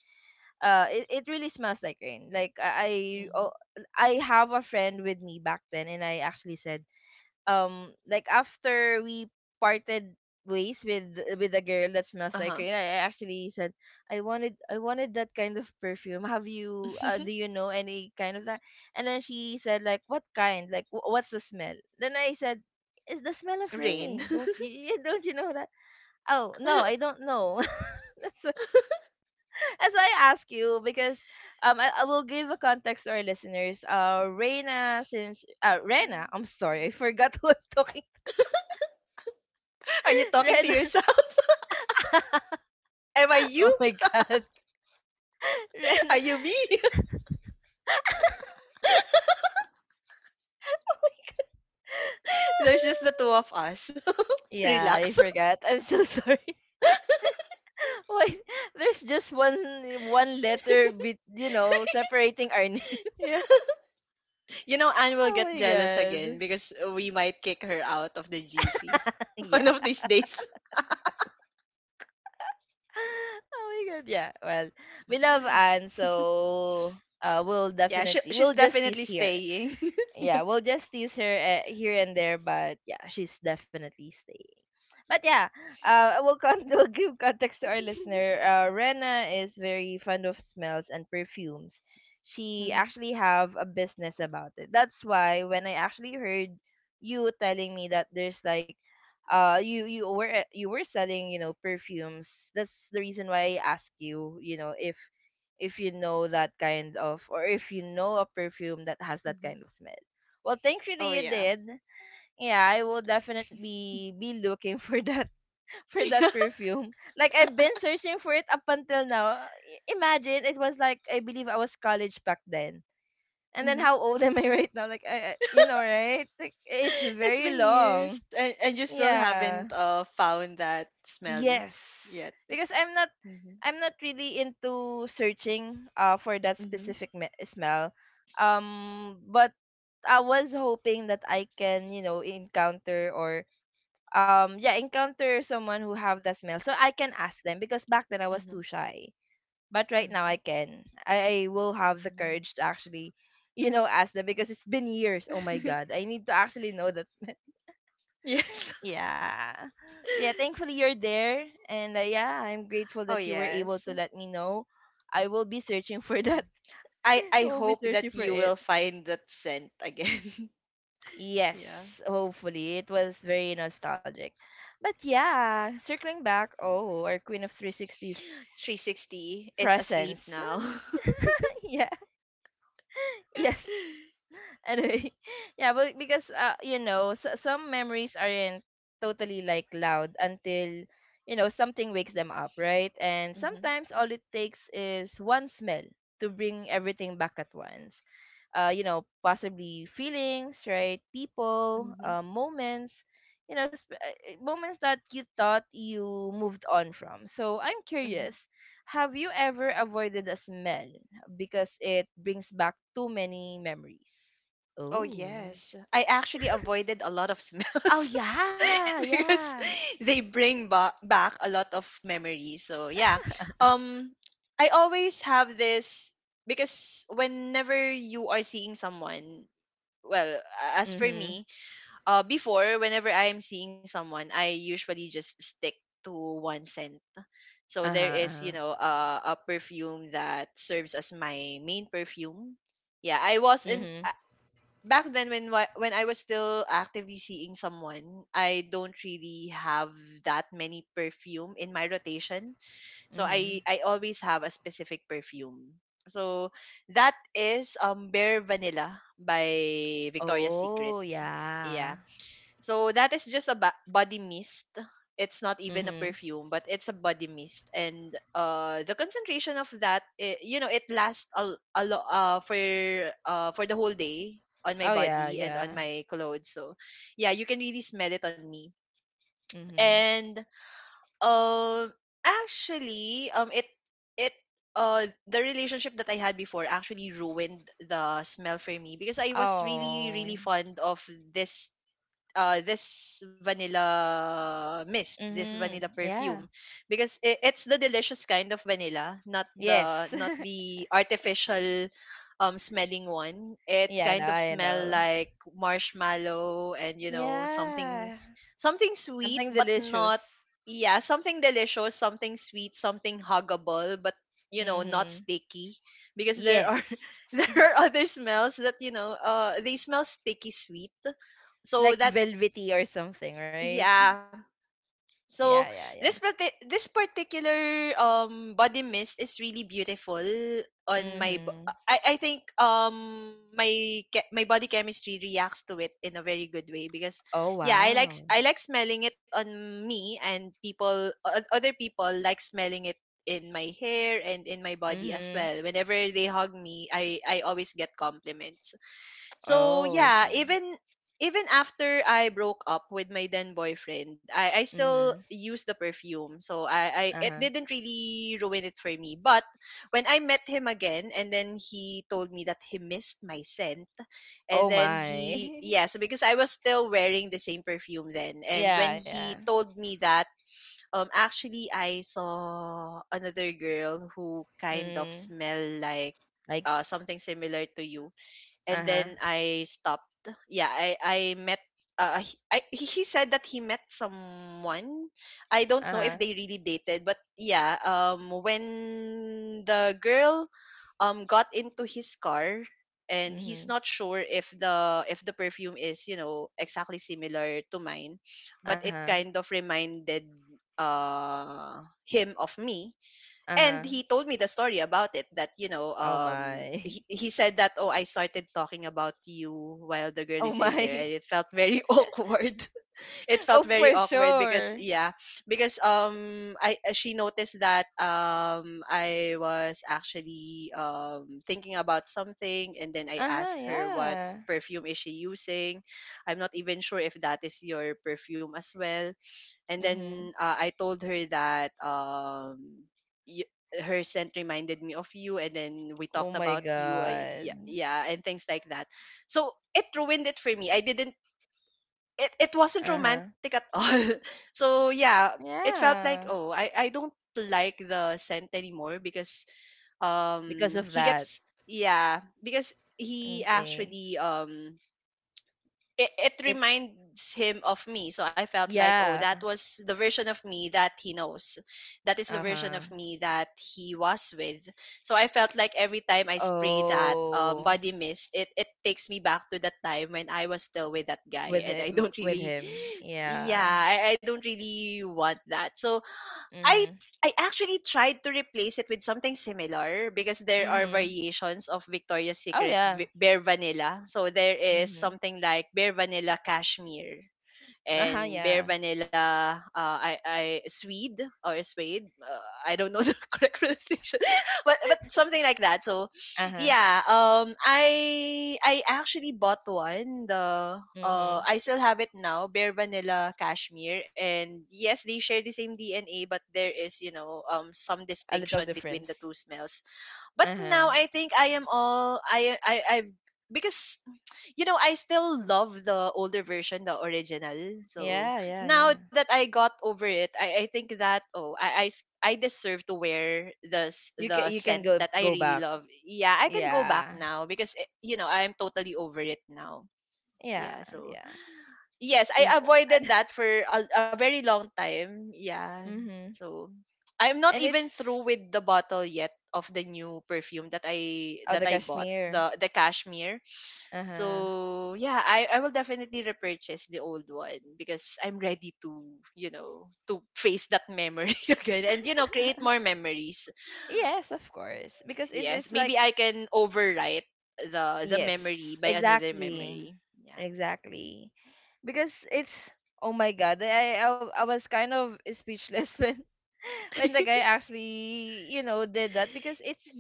[SPEAKER 1] uh it, it really smells like rain. Like, I I oh,
[SPEAKER 2] Mhm.
[SPEAKER 1] I have a friend with me back then, and I actually said, um like, after we parted ways with with a girl that smells like
[SPEAKER 2] Uh-huh.
[SPEAKER 1] rain, I, I actually said, I wanted I wanted that kind of perfume. Have you uh, do you know any kind of that? And then she said, like, what kind, like, wh- what's the smell? Then I said, it's the smell of
[SPEAKER 2] Rain?
[SPEAKER 1] rain. Don't you you- don't you know that? Oh, no, I don't know. That's why, that's why I ask you, because, um I, I will give a context to our listeners, uh Reina, since, uh Rena, I'm sorry, I forgot who I'm talking.
[SPEAKER 2] Are you talking to
[SPEAKER 1] Rena.
[SPEAKER 2] yourself? Am I
[SPEAKER 1] Oh
[SPEAKER 2] you?
[SPEAKER 1] my god.
[SPEAKER 2] Are
[SPEAKER 1] Ren.
[SPEAKER 2] you me? There's just the two of us.
[SPEAKER 1] Yeah, I
[SPEAKER 2] Relax.
[SPEAKER 1] forgot. I'm so sorry. Why, there's just one one letter bit, you know, separating our name.
[SPEAKER 2] yeah. You know, Anne will
[SPEAKER 1] Oh
[SPEAKER 2] get
[SPEAKER 1] my
[SPEAKER 2] jealous
[SPEAKER 1] god.
[SPEAKER 2] again because we might kick her out of the G C
[SPEAKER 1] Yeah.
[SPEAKER 2] one of these days.
[SPEAKER 1] Oh my god. Yeah. Well, we love Anne, so, uh we'll
[SPEAKER 2] Yeah, she,
[SPEAKER 1] definitely,
[SPEAKER 2] she's
[SPEAKER 1] we'll just tease
[SPEAKER 2] definitely
[SPEAKER 1] here.
[SPEAKER 2] staying.
[SPEAKER 1] Yeah, we'll just tease her, uh, here and there, but yeah, she's definitely staying. But yeah, uh, we'll, con- we'll give context to our listener. Uh, Rena is very fond of smells and perfumes. She
[SPEAKER 2] hmm
[SPEAKER 1] actually have a business about it. That's why, when I actually heard you telling me that there's like, uh, you you were, uh, you were selling, you know perfumes. That's the reason why I asked you, you know if, if you know that kind of, or if you know a perfume that has that
[SPEAKER 2] hmm
[SPEAKER 1] kind of smell. Well,
[SPEAKER 2] Oh,
[SPEAKER 1] thankfully you
[SPEAKER 2] yeah.
[SPEAKER 1] did. Yeah, I will definitely be looking for that, for
[SPEAKER 2] yeah.
[SPEAKER 1] that perfume. Like, I've been searching for it up until now. I- Imagine, it was like, I believe I was college back then. And then,
[SPEAKER 2] hmm
[SPEAKER 1] how old am I right now? Like, I, I you know, right? Like, it's
[SPEAKER 2] It's
[SPEAKER 1] very
[SPEAKER 2] been
[SPEAKER 1] long.
[SPEAKER 2] years, and, and you still
[SPEAKER 1] Yeah.
[SPEAKER 2] haven't uh, found that smell
[SPEAKER 1] Yes.
[SPEAKER 2] yet.
[SPEAKER 1] Because I'm not
[SPEAKER 2] Mm-hmm.
[SPEAKER 1] I'm not really into searching, uh for that
[SPEAKER 2] Mm-hmm.
[SPEAKER 1] specific, me- smell. Um but I was hoping that I can, you know, encounter, or, um yeah, encounter someone who have that smell, so I can ask them, because back then I was too
[SPEAKER 2] Mm-hmm.
[SPEAKER 1] shy. But right now I
[SPEAKER 2] Mm-hmm.
[SPEAKER 1] can, i, I will have the
[SPEAKER 2] mm-hmm.
[SPEAKER 1] courage to actually you know ask them, because it's been years. Oh my god, I need to actually know that smell.
[SPEAKER 2] yes.
[SPEAKER 1] Yeah, so yeah, thankfully you're there, and, uh, yeah, I'm grateful
[SPEAKER 2] Oh
[SPEAKER 1] that you were able
[SPEAKER 2] yes.
[SPEAKER 1] to let me know. I will be searching for
[SPEAKER 2] Yeah.
[SPEAKER 1] that.
[SPEAKER 2] I
[SPEAKER 1] I
[SPEAKER 2] I
[SPEAKER 1] will be
[SPEAKER 2] hope
[SPEAKER 1] searching
[SPEAKER 2] that
[SPEAKER 1] for
[SPEAKER 2] you
[SPEAKER 1] it.
[SPEAKER 2] will find that scent again. yeah.
[SPEAKER 1] Yes, hopefully. It was very nostalgic. But yeah, circling back, oh, our Queen of 360's
[SPEAKER 2] three sixty is asleep
[SPEAKER 1] presence.
[SPEAKER 2] now.
[SPEAKER 1] Yeah, yes. Anyway, yeah, but because, uh, you know, s- some memories aren't totally like loud until, you know something wakes them up, right? And
[SPEAKER 2] mm-hmm.
[SPEAKER 1] sometimes all it takes is one smell to bring everything back at once. Uh, you know, possibly feelings, right? People,
[SPEAKER 2] Mm-hmm.
[SPEAKER 1] uh, moments, you know, sp- uh, moments that you thought you moved on from. So I'm
[SPEAKER 2] Mm-hmm.
[SPEAKER 1] curious, have you ever avoided a smell because it brings back too many memories?
[SPEAKER 2] Oh
[SPEAKER 1] Oh.
[SPEAKER 2] yes. I actually avoided a lot of
[SPEAKER 1] Oh
[SPEAKER 2] smells.
[SPEAKER 1] yeah,
[SPEAKER 2] because
[SPEAKER 1] yeah.
[SPEAKER 2] they bring ba- back a lot of memories. So yeah. Um I always have this because whenever you are seeing someone, well, as for
[SPEAKER 1] Mhm.
[SPEAKER 2] me, uh, before whenever I am seeing someone, I usually just stick to one scent. So
[SPEAKER 1] Uh-huh.
[SPEAKER 2] there is, you
[SPEAKER 1] Uh-huh.
[SPEAKER 2] know, uh, a perfume that serves as my main perfume. Yeah, I was in
[SPEAKER 1] Mhm.
[SPEAKER 2] uh, back then when wa- when I was still actively seeing someone, I don't really have that many perfume in my rotation. So I
[SPEAKER 1] Mhm.
[SPEAKER 2] I always have a specific perfume. So that is um Bare Vanilla by Victoria's Secret.
[SPEAKER 1] Oh, yeah.
[SPEAKER 2] Yeah so that is just a ba- body mist. It's not even a
[SPEAKER 1] Mhm.
[SPEAKER 2] perfume, but it's a body mist, and uh, the concentration of that, I you know, it lasts a, l- a lo- uh, for uh, for the whole day on my
[SPEAKER 1] Oh yeah,
[SPEAKER 2] body and on
[SPEAKER 1] yeah.
[SPEAKER 2] my clothes. So, yeah, you can really smell it on me.
[SPEAKER 1] Mhm.
[SPEAKER 2] And um, actually, um, it it uh the relationship that I had before actually ruined the smell for me because I was really really
[SPEAKER 1] Oh.
[SPEAKER 2] fond of this uh, this vanilla mist, this
[SPEAKER 1] Mhm.
[SPEAKER 2] vanilla perfume,
[SPEAKER 1] Yeah.
[SPEAKER 2] because I it's the delicious kind of vanilla, not
[SPEAKER 1] Yes.
[SPEAKER 2] the not the artificial um smelling one. It
[SPEAKER 1] Yeah, no,
[SPEAKER 2] kind of
[SPEAKER 1] I
[SPEAKER 2] smell
[SPEAKER 1] know.
[SPEAKER 2] like marshmallow and you know something
[SPEAKER 1] Yeah.
[SPEAKER 2] something sweet,
[SPEAKER 1] Something
[SPEAKER 2] but not
[SPEAKER 1] delicious.
[SPEAKER 2] yeah something delicious, something sweet, something huggable, but you know not
[SPEAKER 1] Mhm.
[SPEAKER 2] sticky because there are
[SPEAKER 1] Yes.
[SPEAKER 2] there are other smells that you know uh they smell sticky sweet so
[SPEAKER 1] Like
[SPEAKER 2] that's
[SPEAKER 1] velvety or something, right?
[SPEAKER 2] yeah. So
[SPEAKER 1] Yeah, yeah,
[SPEAKER 2] this
[SPEAKER 1] yeah.
[SPEAKER 2] parti- this particular um body mist is really beautiful on my bo-
[SPEAKER 1] Mhm.
[SPEAKER 2] I I think um my che- my body chemistry reacts to it in a very good way because
[SPEAKER 1] Oh,
[SPEAKER 2] yeah I like s-
[SPEAKER 1] wow.
[SPEAKER 2] I like smelling it on me and people o- other people like smelling it in my hair and in my body as
[SPEAKER 1] Mhm.
[SPEAKER 2] well whenever they hug me I I always get compliments so
[SPEAKER 1] Oh, I
[SPEAKER 2] yeah,
[SPEAKER 1] see.
[SPEAKER 2] even even after I broke up with my then boyfriend, I, I still
[SPEAKER 1] Mhm.
[SPEAKER 2] used the perfume. So I, I it
[SPEAKER 1] Uh-huh.
[SPEAKER 2] didn't really ruin it for me. But when I met him again and then he told me that he missed my scent and
[SPEAKER 1] Oh
[SPEAKER 2] then he
[SPEAKER 1] my.
[SPEAKER 2] yes, because I was still wearing the same perfume then. And
[SPEAKER 1] Yeah,
[SPEAKER 2] when
[SPEAKER 1] yeah.
[SPEAKER 2] he told me that, um actually I saw another girl who kind of
[SPEAKER 1] Mm.
[SPEAKER 2] smell like
[SPEAKER 1] Like,
[SPEAKER 2] uh, something similar to you and
[SPEAKER 1] uh-huh.
[SPEAKER 2] then I stopped. Yeah, I I met. Uh, he- I he he said that he met someone. I don't know if
[SPEAKER 1] Uh-huh.
[SPEAKER 2] they really dated, but yeah. Um, when the girl, um, got into his car, and he's
[SPEAKER 1] Mm-hmm.
[SPEAKER 2] not sure if the if the perfume is you know exactly similar to mine, but it
[SPEAKER 1] Uh-huh.
[SPEAKER 2] kind of reminded uh him of me and
[SPEAKER 1] Uh-huh.
[SPEAKER 2] he told me the story about it that you know
[SPEAKER 1] Oh
[SPEAKER 2] um
[SPEAKER 1] my.
[SPEAKER 2] he, he said that oh I started talking about you while the girl
[SPEAKER 1] Oh
[SPEAKER 2] is in there and
[SPEAKER 1] my.
[SPEAKER 2] it felt very awkward it felt
[SPEAKER 1] Oh,
[SPEAKER 2] very
[SPEAKER 1] for
[SPEAKER 2] awkward because
[SPEAKER 1] sure.
[SPEAKER 2] yeah because um I uh, she noticed that um I was actually um thinking about something and then I
[SPEAKER 1] Uh-huh,
[SPEAKER 2] asked her what
[SPEAKER 1] yeah.
[SPEAKER 2] perfume is she using I'm not even sure if that is your perfume as well and
[SPEAKER 1] Mm-hmm.
[SPEAKER 2] then uh, I told her that um, y- her scent reminded me of you, and then we
[SPEAKER 1] Oh
[SPEAKER 2] talked
[SPEAKER 1] my
[SPEAKER 2] about you, uh, yeah,
[SPEAKER 1] god.
[SPEAKER 2] yeah, and things like that. So it ruined it for me. I didn't. It, it wasn't
[SPEAKER 1] Uh-huh.
[SPEAKER 2] romantic at all. so yeah, it felt like
[SPEAKER 1] Yeah.
[SPEAKER 2] oh, I I don't like the scent anymore because
[SPEAKER 1] Because
[SPEAKER 2] um
[SPEAKER 1] of
[SPEAKER 2] he
[SPEAKER 1] that.
[SPEAKER 2] gets yeah because
[SPEAKER 1] I
[SPEAKER 2] he
[SPEAKER 1] see.
[SPEAKER 2] actually um it, it
[SPEAKER 1] It
[SPEAKER 2] reminds him of me. So I felt like, oh, that
[SPEAKER 1] yeah.
[SPEAKER 2] was the version of me that he knows. That is the version
[SPEAKER 1] Uh-huh.
[SPEAKER 2] of me that he was with. So I felt like every time I spray that um,
[SPEAKER 1] Oh,
[SPEAKER 2] body mist, it, it takes me back to that time when I was still with that guy.
[SPEAKER 1] with
[SPEAKER 2] And
[SPEAKER 1] it,
[SPEAKER 2] I don't
[SPEAKER 1] with
[SPEAKER 2] really,
[SPEAKER 1] him.
[SPEAKER 2] yeah,
[SPEAKER 1] Yeah.
[SPEAKER 2] I, I don't really want that. So I
[SPEAKER 1] Mm-hmm.
[SPEAKER 2] I actually tried to replace it with something similar because there are
[SPEAKER 1] Mm-hmm.
[SPEAKER 2] variations of Victoria's
[SPEAKER 1] Oh
[SPEAKER 2] Secret
[SPEAKER 1] yeah.
[SPEAKER 2] v- Bare Vanilla. So there is
[SPEAKER 1] Mm-hmm.
[SPEAKER 2] something like Bare Vanilla Cashmere
[SPEAKER 1] Uh-huh,
[SPEAKER 2] and Bear
[SPEAKER 1] yeah.
[SPEAKER 2] Vanilla uh, I I Swede or Swede uh, I don't know the correct pronunciation but but something like that so
[SPEAKER 1] Uh-huh.
[SPEAKER 2] yeah um I I actually bought one the uh
[SPEAKER 1] Mm-hmm.
[SPEAKER 2] I still have it now Bear Vanilla Cashmere and yes they share the same D N A but there is you know um some
[SPEAKER 1] A little
[SPEAKER 2] distinction between the
[SPEAKER 1] difference.
[SPEAKER 2] two smells but
[SPEAKER 1] Uh-huh.
[SPEAKER 2] now I think I am all I I I've because you know I still love the older version, the original. So
[SPEAKER 1] Yeah, yeah,
[SPEAKER 2] now
[SPEAKER 1] yeah.
[SPEAKER 2] that I got over it, I, I think that oh I, I s- I deserve to wear the s-
[SPEAKER 1] You can
[SPEAKER 2] the
[SPEAKER 1] you can
[SPEAKER 2] scent
[SPEAKER 1] go
[SPEAKER 2] that I
[SPEAKER 1] go
[SPEAKER 2] really
[SPEAKER 1] back.
[SPEAKER 2] love. Yeah, I can go back
[SPEAKER 1] Yeah.
[SPEAKER 2] now because eh, you know I'm totally over it now.
[SPEAKER 1] Yeah,
[SPEAKER 2] Yeah, so
[SPEAKER 1] yeah.
[SPEAKER 2] Yes, I avoided that for a, a very long time. Yeah.
[SPEAKER 1] Mm-hmm.
[SPEAKER 2] So I'm not
[SPEAKER 1] And
[SPEAKER 2] even
[SPEAKER 1] it's
[SPEAKER 2] through with the bottle yet of the new perfume that I
[SPEAKER 1] oh,
[SPEAKER 2] that
[SPEAKER 1] the
[SPEAKER 2] I bought,
[SPEAKER 1] Kashmir.
[SPEAKER 2] the the cashmere.
[SPEAKER 1] Uh-huh.
[SPEAKER 2] So yeah, I, I will definitely repurchase the old one because I'm ready to, you know, to face that memory again and you know, create more memories.
[SPEAKER 1] Yes, of course. Because it,
[SPEAKER 2] Yes.
[SPEAKER 1] it's like
[SPEAKER 2] Maybe I can overwrite the the
[SPEAKER 1] yes,
[SPEAKER 2] memory by another
[SPEAKER 1] exactly.
[SPEAKER 2] memory. Yeah.
[SPEAKER 1] Exactly. Because it's — oh my god, I I, I was kind of speechless when, when the guy actually, you know did that, because it's —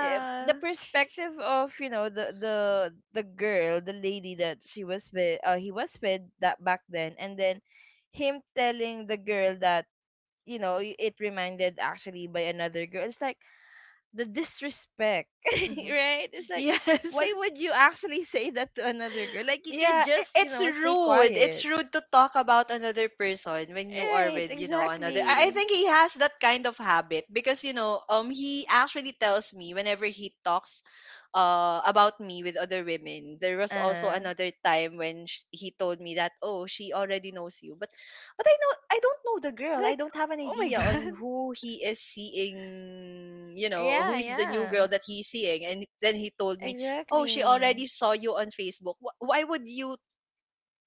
[SPEAKER 1] eh, the perspective of, you know the the the girl, the lady that she was with uh, he was with that back then, and then him telling the girl that, you know y- it reminded actually by another girl. It's like the disrespect,
[SPEAKER 2] Mhm.
[SPEAKER 1] right? It's like,
[SPEAKER 2] Yes.
[SPEAKER 1] why would you actually say that to another girl? Like, you could
[SPEAKER 2] Yeah, i-
[SPEAKER 1] just, you
[SPEAKER 2] it's
[SPEAKER 1] know stay
[SPEAKER 2] rude. It's
[SPEAKER 1] quiet.
[SPEAKER 2] rude to talk about another person when you are
[SPEAKER 1] Right,
[SPEAKER 2] with, you know, another. I I
[SPEAKER 1] exactly.
[SPEAKER 2] think he has that kind of habit because, you know, um, he actually tells me whenever he talks, uh, about me with other women. There was also
[SPEAKER 1] Uh-huh.
[SPEAKER 2] another time when sh- he told me that, oh, she already knows you, but, but I know I don't know the girl.
[SPEAKER 1] Like,
[SPEAKER 2] I don't have an
[SPEAKER 1] oh my
[SPEAKER 2] idea
[SPEAKER 1] god.
[SPEAKER 2] on who he is seeing. You know, who
[SPEAKER 1] Yeah,
[SPEAKER 2] is the new
[SPEAKER 1] yeah,
[SPEAKER 2] girl that he's seeing, and then he told me oh, she already
[SPEAKER 1] exactly.
[SPEAKER 2] saw you on Facebook. Wh- Why would you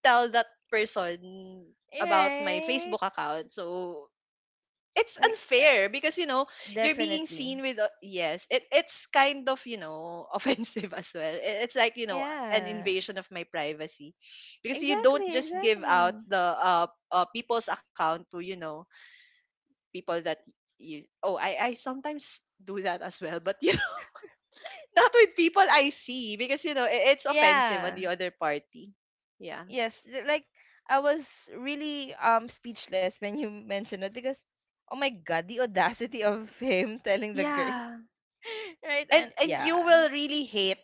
[SPEAKER 2] tell that person
[SPEAKER 1] You're
[SPEAKER 2] about my
[SPEAKER 1] right?
[SPEAKER 2] Facebook account? So it's
[SPEAKER 1] Like, uh,
[SPEAKER 2] unfair because you know you're being
[SPEAKER 1] definitely.
[SPEAKER 2] seen with o- yes it, it's kind of you know offensive as well I- it's like you know an
[SPEAKER 1] Yeah,
[SPEAKER 2] invasion of my privacy because you don't
[SPEAKER 1] exactly,
[SPEAKER 2] just give out
[SPEAKER 1] exactly.
[SPEAKER 2] the uh, uh people's account to you know people that you oh i i sometimes do that as well but you. Not with people I see because you know i- it's offensive on the
[SPEAKER 1] Yeah,
[SPEAKER 2] other party. Yeah.
[SPEAKER 1] yes. th- Like, I was really, um speechless when you mentioned it, because, oh my God, the audacity of him telling the girl,
[SPEAKER 2] Yeah.
[SPEAKER 1] right?
[SPEAKER 2] And
[SPEAKER 1] And
[SPEAKER 2] and you
[SPEAKER 1] yeah,
[SPEAKER 2] will really hate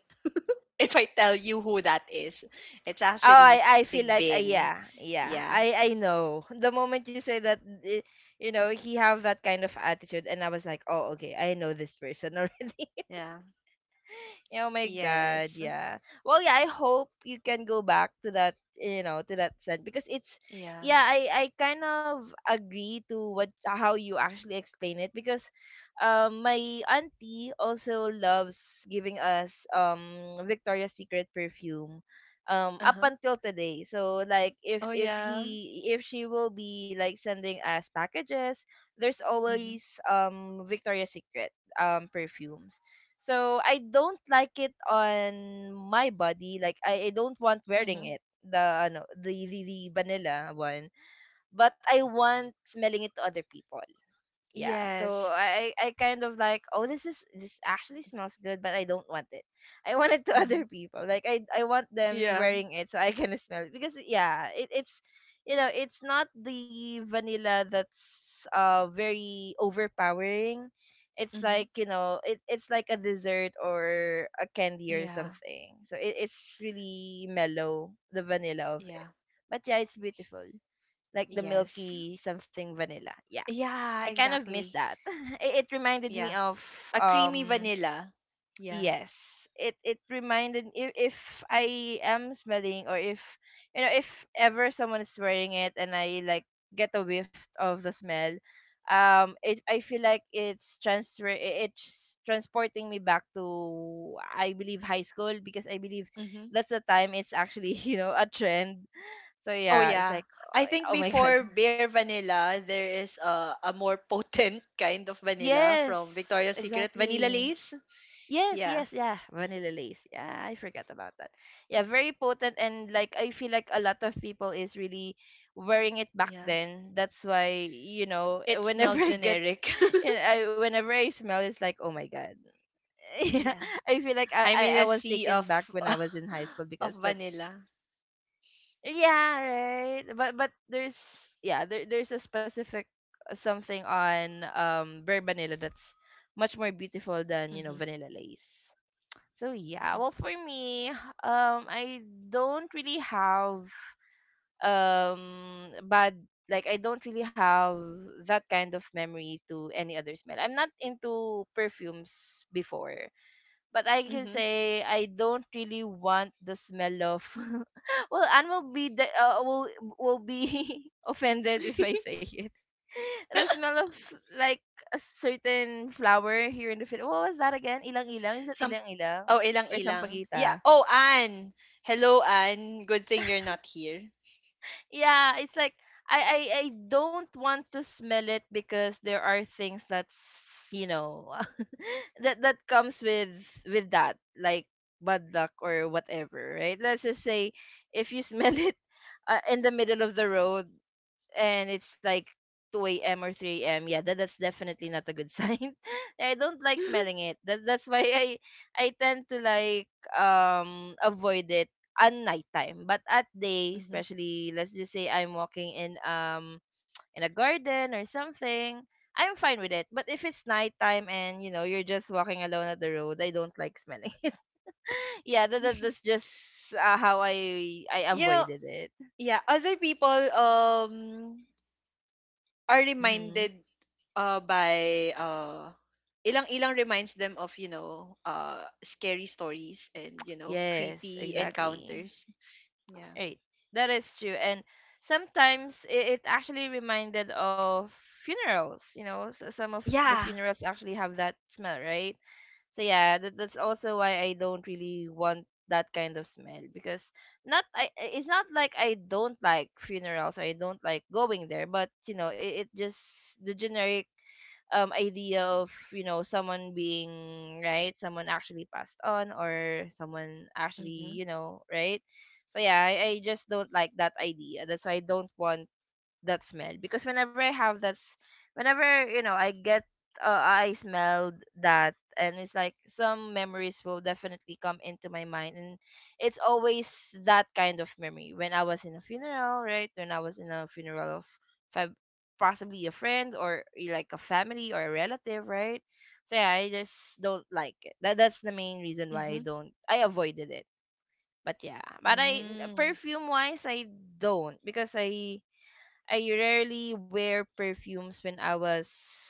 [SPEAKER 2] if I tell you who that is. It's
[SPEAKER 1] oh,
[SPEAKER 2] actually
[SPEAKER 1] I I feel like, uh,
[SPEAKER 2] Sigbin.
[SPEAKER 1] yeah, yeah.
[SPEAKER 2] Yeah.
[SPEAKER 1] I I know. The moment you say that, eh, you know, he have that kind of attitude, and I was like, oh, okay, I know this person already.
[SPEAKER 2] Yeah.
[SPEAKER 1] Oh my god,
[SPEAKER 2] Yes.
[SPEAKER 1] yeah. Well, yeah, I hope you can go back to that, you know, to that scent, because it's —
[SPEAKER 2] Yeah.
[SPEAKER 1] yeah, I I kind of agree to, what how you actually explain it, because, um my auntie also loves giving us, um Victoria's Secret perfume, um up
[SPEAKER 2] Uh-huh.
[SPEAKER 1] until today. So, like, if
[SPEAKER 2] Oh
[SPEAKER 1] if
[SPEAKER 2] yeah.
[SPEAKER 1] he if she will be like sending us packages, there's
[SPEAKER 2] Mhm.
[SPEAKER 1] always, um Victoria's Secret, um perfumes. So I don't like it on my body. Like, I, I don't want wearing
[SPEAKER 2] Mhm.
[SPEAKER 1] it. The ano the, the the vanilla one. But I want smelling it to other people. Yeah, so
[SPEAKER 2] Yes.
[SPEAKER 1] i i kind of like, oh, this is this actually smells good, but I don't want it, I want it to other
[SPEAKER 2] Mhm.
[SPEAKER 1] people. Like, i i want them
[SPEAKER 2] Yeah.
[SPEAKER 1] wearing it, so I can smell it, because yeah, it, it's you know, it's not the vanilla that's, uh very overpowering. It's
[SPEAKER 2] Mhm.
[SPEAKER 1] like, you know, it, it's like a dessert or a candy or
[SPEAKER 2] Yeah.
[SPEAKER 1] something, so it, it's really mellow, the vanilla of it.
[SPEAKER 2] Yeah.
[SPEAKER 1] But yeah, it's beautiful, like the
[SPEAKER 2] Yes.
[SPEAKER 1] milky, something vanilla, yeah. I
[SPEAKER 2] Yeah,
[SPEAKER 1] kind of miss
[SPEAKER 2] exactly.
[SPEAKER 1] that. It, it reminded me
[SPEAKER 2] Yeah.
[SPEAKER 1] of,
[SPEAKER 2] A creamy
[SPEAKER 1] um
[SPEAKER 2] vanilla. Yeah.
[SPEAKER 1] yes. It it reminded, if, if I am smelling, or if, you know if ever someone is wearing it and I like get a whiff of the smell, um it I feel like it's transfer i- it's transporting me back to, I believe, high school, because I believe
[SPEAKER 2] Mm-hmm.
[SPEAKER 1] that's the time it's actually you know a trend. So
[SPEAKER 2] Oh
[SPEAKER 1] yeah, it's
[SPEAKER 2] yeah.
[SPEAKER 1] like,
[SPEAKER 2] I think
[SPEAKER 1] oh my god.
[SPEAKER 2] before Bare Vanilla, there is a, a more potent kind of vanilla
[SPEAKER 1] Yes,
[SPEAKER 2] from Victoria's Secret. Vanilla
[SPEAKER 1] exactly.
[SPEAKER 2] Lace?
[SPEAKER 1] Yes,
[SPEAKER 2] Yeah.
[SPEAKER 1] yes, yeah. Vanilla lace. Yeah, I forgot about that. Yeah, very potent, and, like, I feel like a lot of people is really wearing it back
[SPEAKER 2] Yeah.
[SPEAKER 1] then. That's why, you know,
[SPEAKER 2] It
[SPEAKER 1] whenever
[SPEAKER 2] smelled
[SPEAKER 1] I get
[SPEAKER 2] generic.
[SPEAKER 1] you know, I, whenever I smell it's like, oh my god. Yeah.
[SPEAKER 2] yeah.
[SPEAKER 1] I feel like I,
[SPEAKER 2] I'm
[SPEAKER 1] I,
[SPEAKER 2] in
[SPEAKER 1] I
[SPEAKER 2] a
[SPEAKER 1] was
[SPEAKER 2] sea
[SPEAKER 1] taken
[SPEAKER 2] of
[SPEAKER 1] back when I was in high school
[SPEAKER 2] of
[SPEAKER 1] because that's
[SPEAKER 2] vanilla.
[SPEAKER 1] yeah, right. But but there's yeah, there there's a specific uh, something on um Burr vanilla that's much more beautiful than, you know, vanilla lace. So yeah,
[SPEAKER 2] Mm-hmm.
[SPEAKER 1] well for me, um I don't really have um bad, like I don't really have that kind of memory to any other smell. I'm not into perfumes before, but I can
[SPEAKER 2] Mm-hmm.
[SPEAKER 1] say I don't really want the smell of well, Anne will be the, uh, will will be offended if I say it. The smell of like a certain flower here in the Philippines. What was that again? Ilang ilang? Is that
[SPEAKER 2] Some.
[SPEAKER 1] ilang ilang
[SPEAKER 2] Oh,
[SPEAKER 1] or
[SPEAKER 2] ilang-ilang. Yeah.
[SPEAKER 1] sampagita?
[SPEAKER 2] Oh, Anne. Hello, Anne. Good thing you're not here.
[SPEAKER 1] Yeah, it's like I, I I don't want to smell it because there are things that's you know that that comes with with that like bad luck or whatever, right? Let's just say if you smell it uh, in the middle of the road, and it's like two a m or three a m. Yeah, that, that's definitely not a good sign. I don't like smelling it. That, that's why I I tend to like um avoid it at nighttime. But at day,
[SPEAKER 2] hmm.
[SPEAKER 1] especially let's just say I'm walking in um in a garden or something, I'm fine with it. But if it's nighttime and you know you're just walking alone at the road, I don't like smelling. it. Yeah, that, that that's just uh, how I I
[SPEAKER 2] You know,
[SPEAKER 1] avoided it.
[SPEAKER 2] yeah, other people um are
[SPEAKER 1] Hmm.
[SPEAKER 2] reminded uh by uh ilang ilang reminds them of you know uh scary stories and you know
[SPEAKER 1] Yes,
[SPEAKER 2] creepy
[SPEAKER 1] exactly.
[SPEAKER 2] encounters. Yeah.
[SPEAKER 1] Right. That is true. And sometimes it, it actually reminded of funerals. You know, s some of the
[SPEAKER 2] Yeah.
[SPEAKER 1] funerals actually have that smell, right? So yeah, that, that's also why I don't really want that kind of smell because not I I- it's not like I don't like funerals or I don't like going there, but you know, it, it just the generic um idea of you know someone being right, someone actually passed on or someone actually
[SPEAKER 2] Mhm.
[SPEAKER 1] you know right. So yeah, I, I just don't like that idea. That's why I don't want that smell, because whenever I have that s- whenever you know I get uh, I smelled that and it's like some memories will definitely come into my mind, and it's always that kind of memory when I was in a funeral, right, when I was in a funeral of fam- possibly a friend or eh, like a family or a relative, right. So yeah, I just don't like it. That that's the main reason why I
[SPEAKER 2] Mhm.
[SPEAKER 1] don't I avoided it. But yeah, but I
[SPEAKER 2] Mm.
[SPEAKER 1] perfume wise, I don't, because I I rarely wear perfumes when I was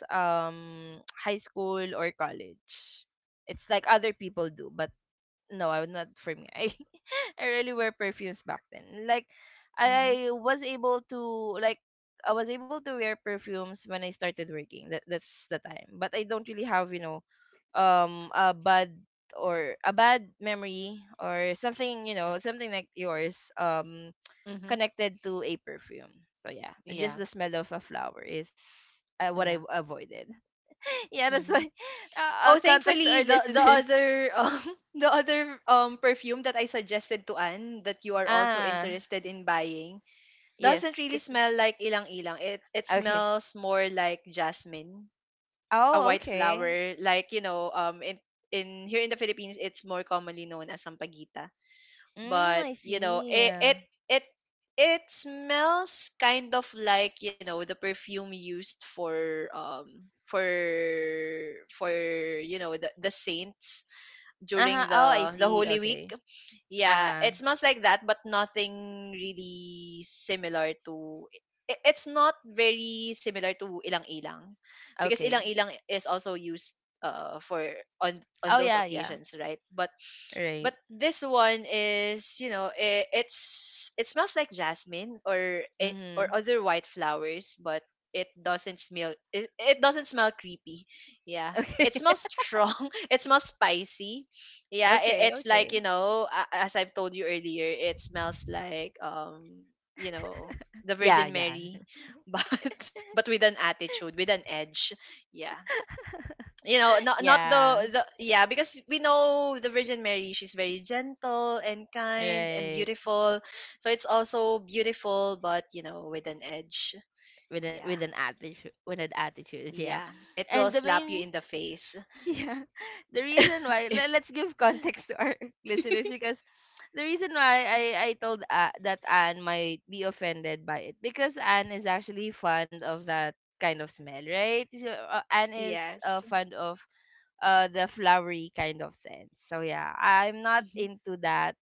[SPEAKER 1] um high school or college. It's like other people do, but no, I would not for me. I I rarely wear perfumes back then. Like
[SPEAKER 2] Mhm.
[SPEAKER 1] I was able to like I was able to wear perfumes when I started working. That that's the time. But I don't really have, you know, um a bad or a bad memory or something, you know, something like yours. Um
[SPEAKER 2] Mhm.
[SPEAKER 1] connected to a perfume. So yeah, just
[SPEAKER 2] Yeah.
[SPEAKER 1] the smell of a flower is uh, what I
[SPEAKER 2] Yeah.
[SPEAKER 1] avoided. Yeah, that's why.
[SPEAKER 2] Mhm.
[SPEAKER 1] Uh, uh,
[SPEAKER 2] Oh,
[SPEAKER 1] context to
[SPEAKER 2] thankfully
[SPEAKER 1] our
[SPEAKER 2] the the
[SPEAKER 1] listeners.
[SPEAKER 2] other um the other um perfume that I suggested to Anne that you are also
[SPEAKER 1] Ah,
[SPEAKER 2] interested in buying
[SPEAKER 1] yes.
[SPEAKER 2] doesn't really
[SPEAKER 1] It
[SPEAKER 2] smell like ilang-ilang. It it
[SPEAKER 1] okay.
[SPEAKER 2] smells more like jasmine, a
[SPEAKER 1] Oh,
[SPEAKER 2] white
[SPEAKER 1] okay.
[SPEAKER 2] flower. Like, you know, um in in here in the Philippines it's more commonly known as sampagita.
[SPEAKER 1] Mm,
[SPEAKER 2] But,
[SPEAKER 1] I
[SPEAKER 2] you know,
[SPEAKER 1] see.
[SPEAKER 2] it
[SPEAKER 1] Yeah.
[SPEAKER 2] it it it smells kind of like, you know, the perfume used for um for for you know the, the saints
[SPEAKER 1] Uh huh.
[SPEAKER 2] during
[SPEAKER 1] Oh, I
[SPEAKER 2] the the
[SPEAKER 1] see.
[SPEAKER 2] holy week.
[SPEAKER 1] Okay. Uh
[SPEAKER 2] Yeah,
[SPEAKER 1] huh.
[SPEAKER 2] it smells like that, but nothing really similar to. i- It's not very similar to ilang-ilang, because
[SPEAKER 1] Okay.
[SPEAKER 2] ilang-ilang is also used uh for on on
[SPEAKER 1] Oh
[SPEAKER 2] those
[SPEAKER 1] yeah, yeah.
[SPEAKER 2] occasions, right? But
[SPEAKER 1] Right.
[SPEAKER 2] but this one is you know it, it's it smells like jasmine or a- or
[SPEAKER 1] Mhm.
[SPEAKER 2] other white flowers but it doesn't smell it, it doesn't smell creepy. Yeah,
[SPEAKER 1] Okay.
[SPEAKER 2] it smells strong, it smells spicy. Yeah, it,
[SPEAKER 1] Okay.
[SPEAKER 2] it's like you
[SPEAKER 1] Okay.
[SPEAKER 2] know a- as I've told you earlier it smells like um you know the
[SPEAKER 1] Yeah,
[SPEAKER 2] Virgin
[SPEAKER 1] yeah.
[SPEAKER 2] Mary but but with an attitude, with an edge. Yeah, you know, not not the
[SPEAKER 1] Yeah.
[SPEAKER 2] the yeah because we know the Virgin Mary, she's very gentle and kind and
[SPEAKER 1] Right.
[SPEAKER 2] beautiful, so it's also beautiful but you know with an edge.
[SPEAKER 1] With a,
[SPEAKER 2] Yeah.
[SPEAKER 1] with an attitude. With an attitude. Yeah.
[SPEAKER 2] Yeah, it
[SPEAKER 1] And
[SPEAKER 2] will
[SPEAKER 1] the
[SPEAKER 2] slap you
[SPEAKER 1] main,
[SPEAKER 2] in the face.
[SPEAKER 1] yeah, the reason why le- let's give context to our listeners, because the reason why I I told uh, that Anne might be offended by it, because Anne is actually fond of that kind of smell, right? So, uh, Anne is uh,
[SPEAKER 2] yes.
[SPEAKER 1] fond of uh the flowery kind of scent. So yeah, I'm not
[SPEAKER 2] Mhm.
[SPEAKER 1] into that,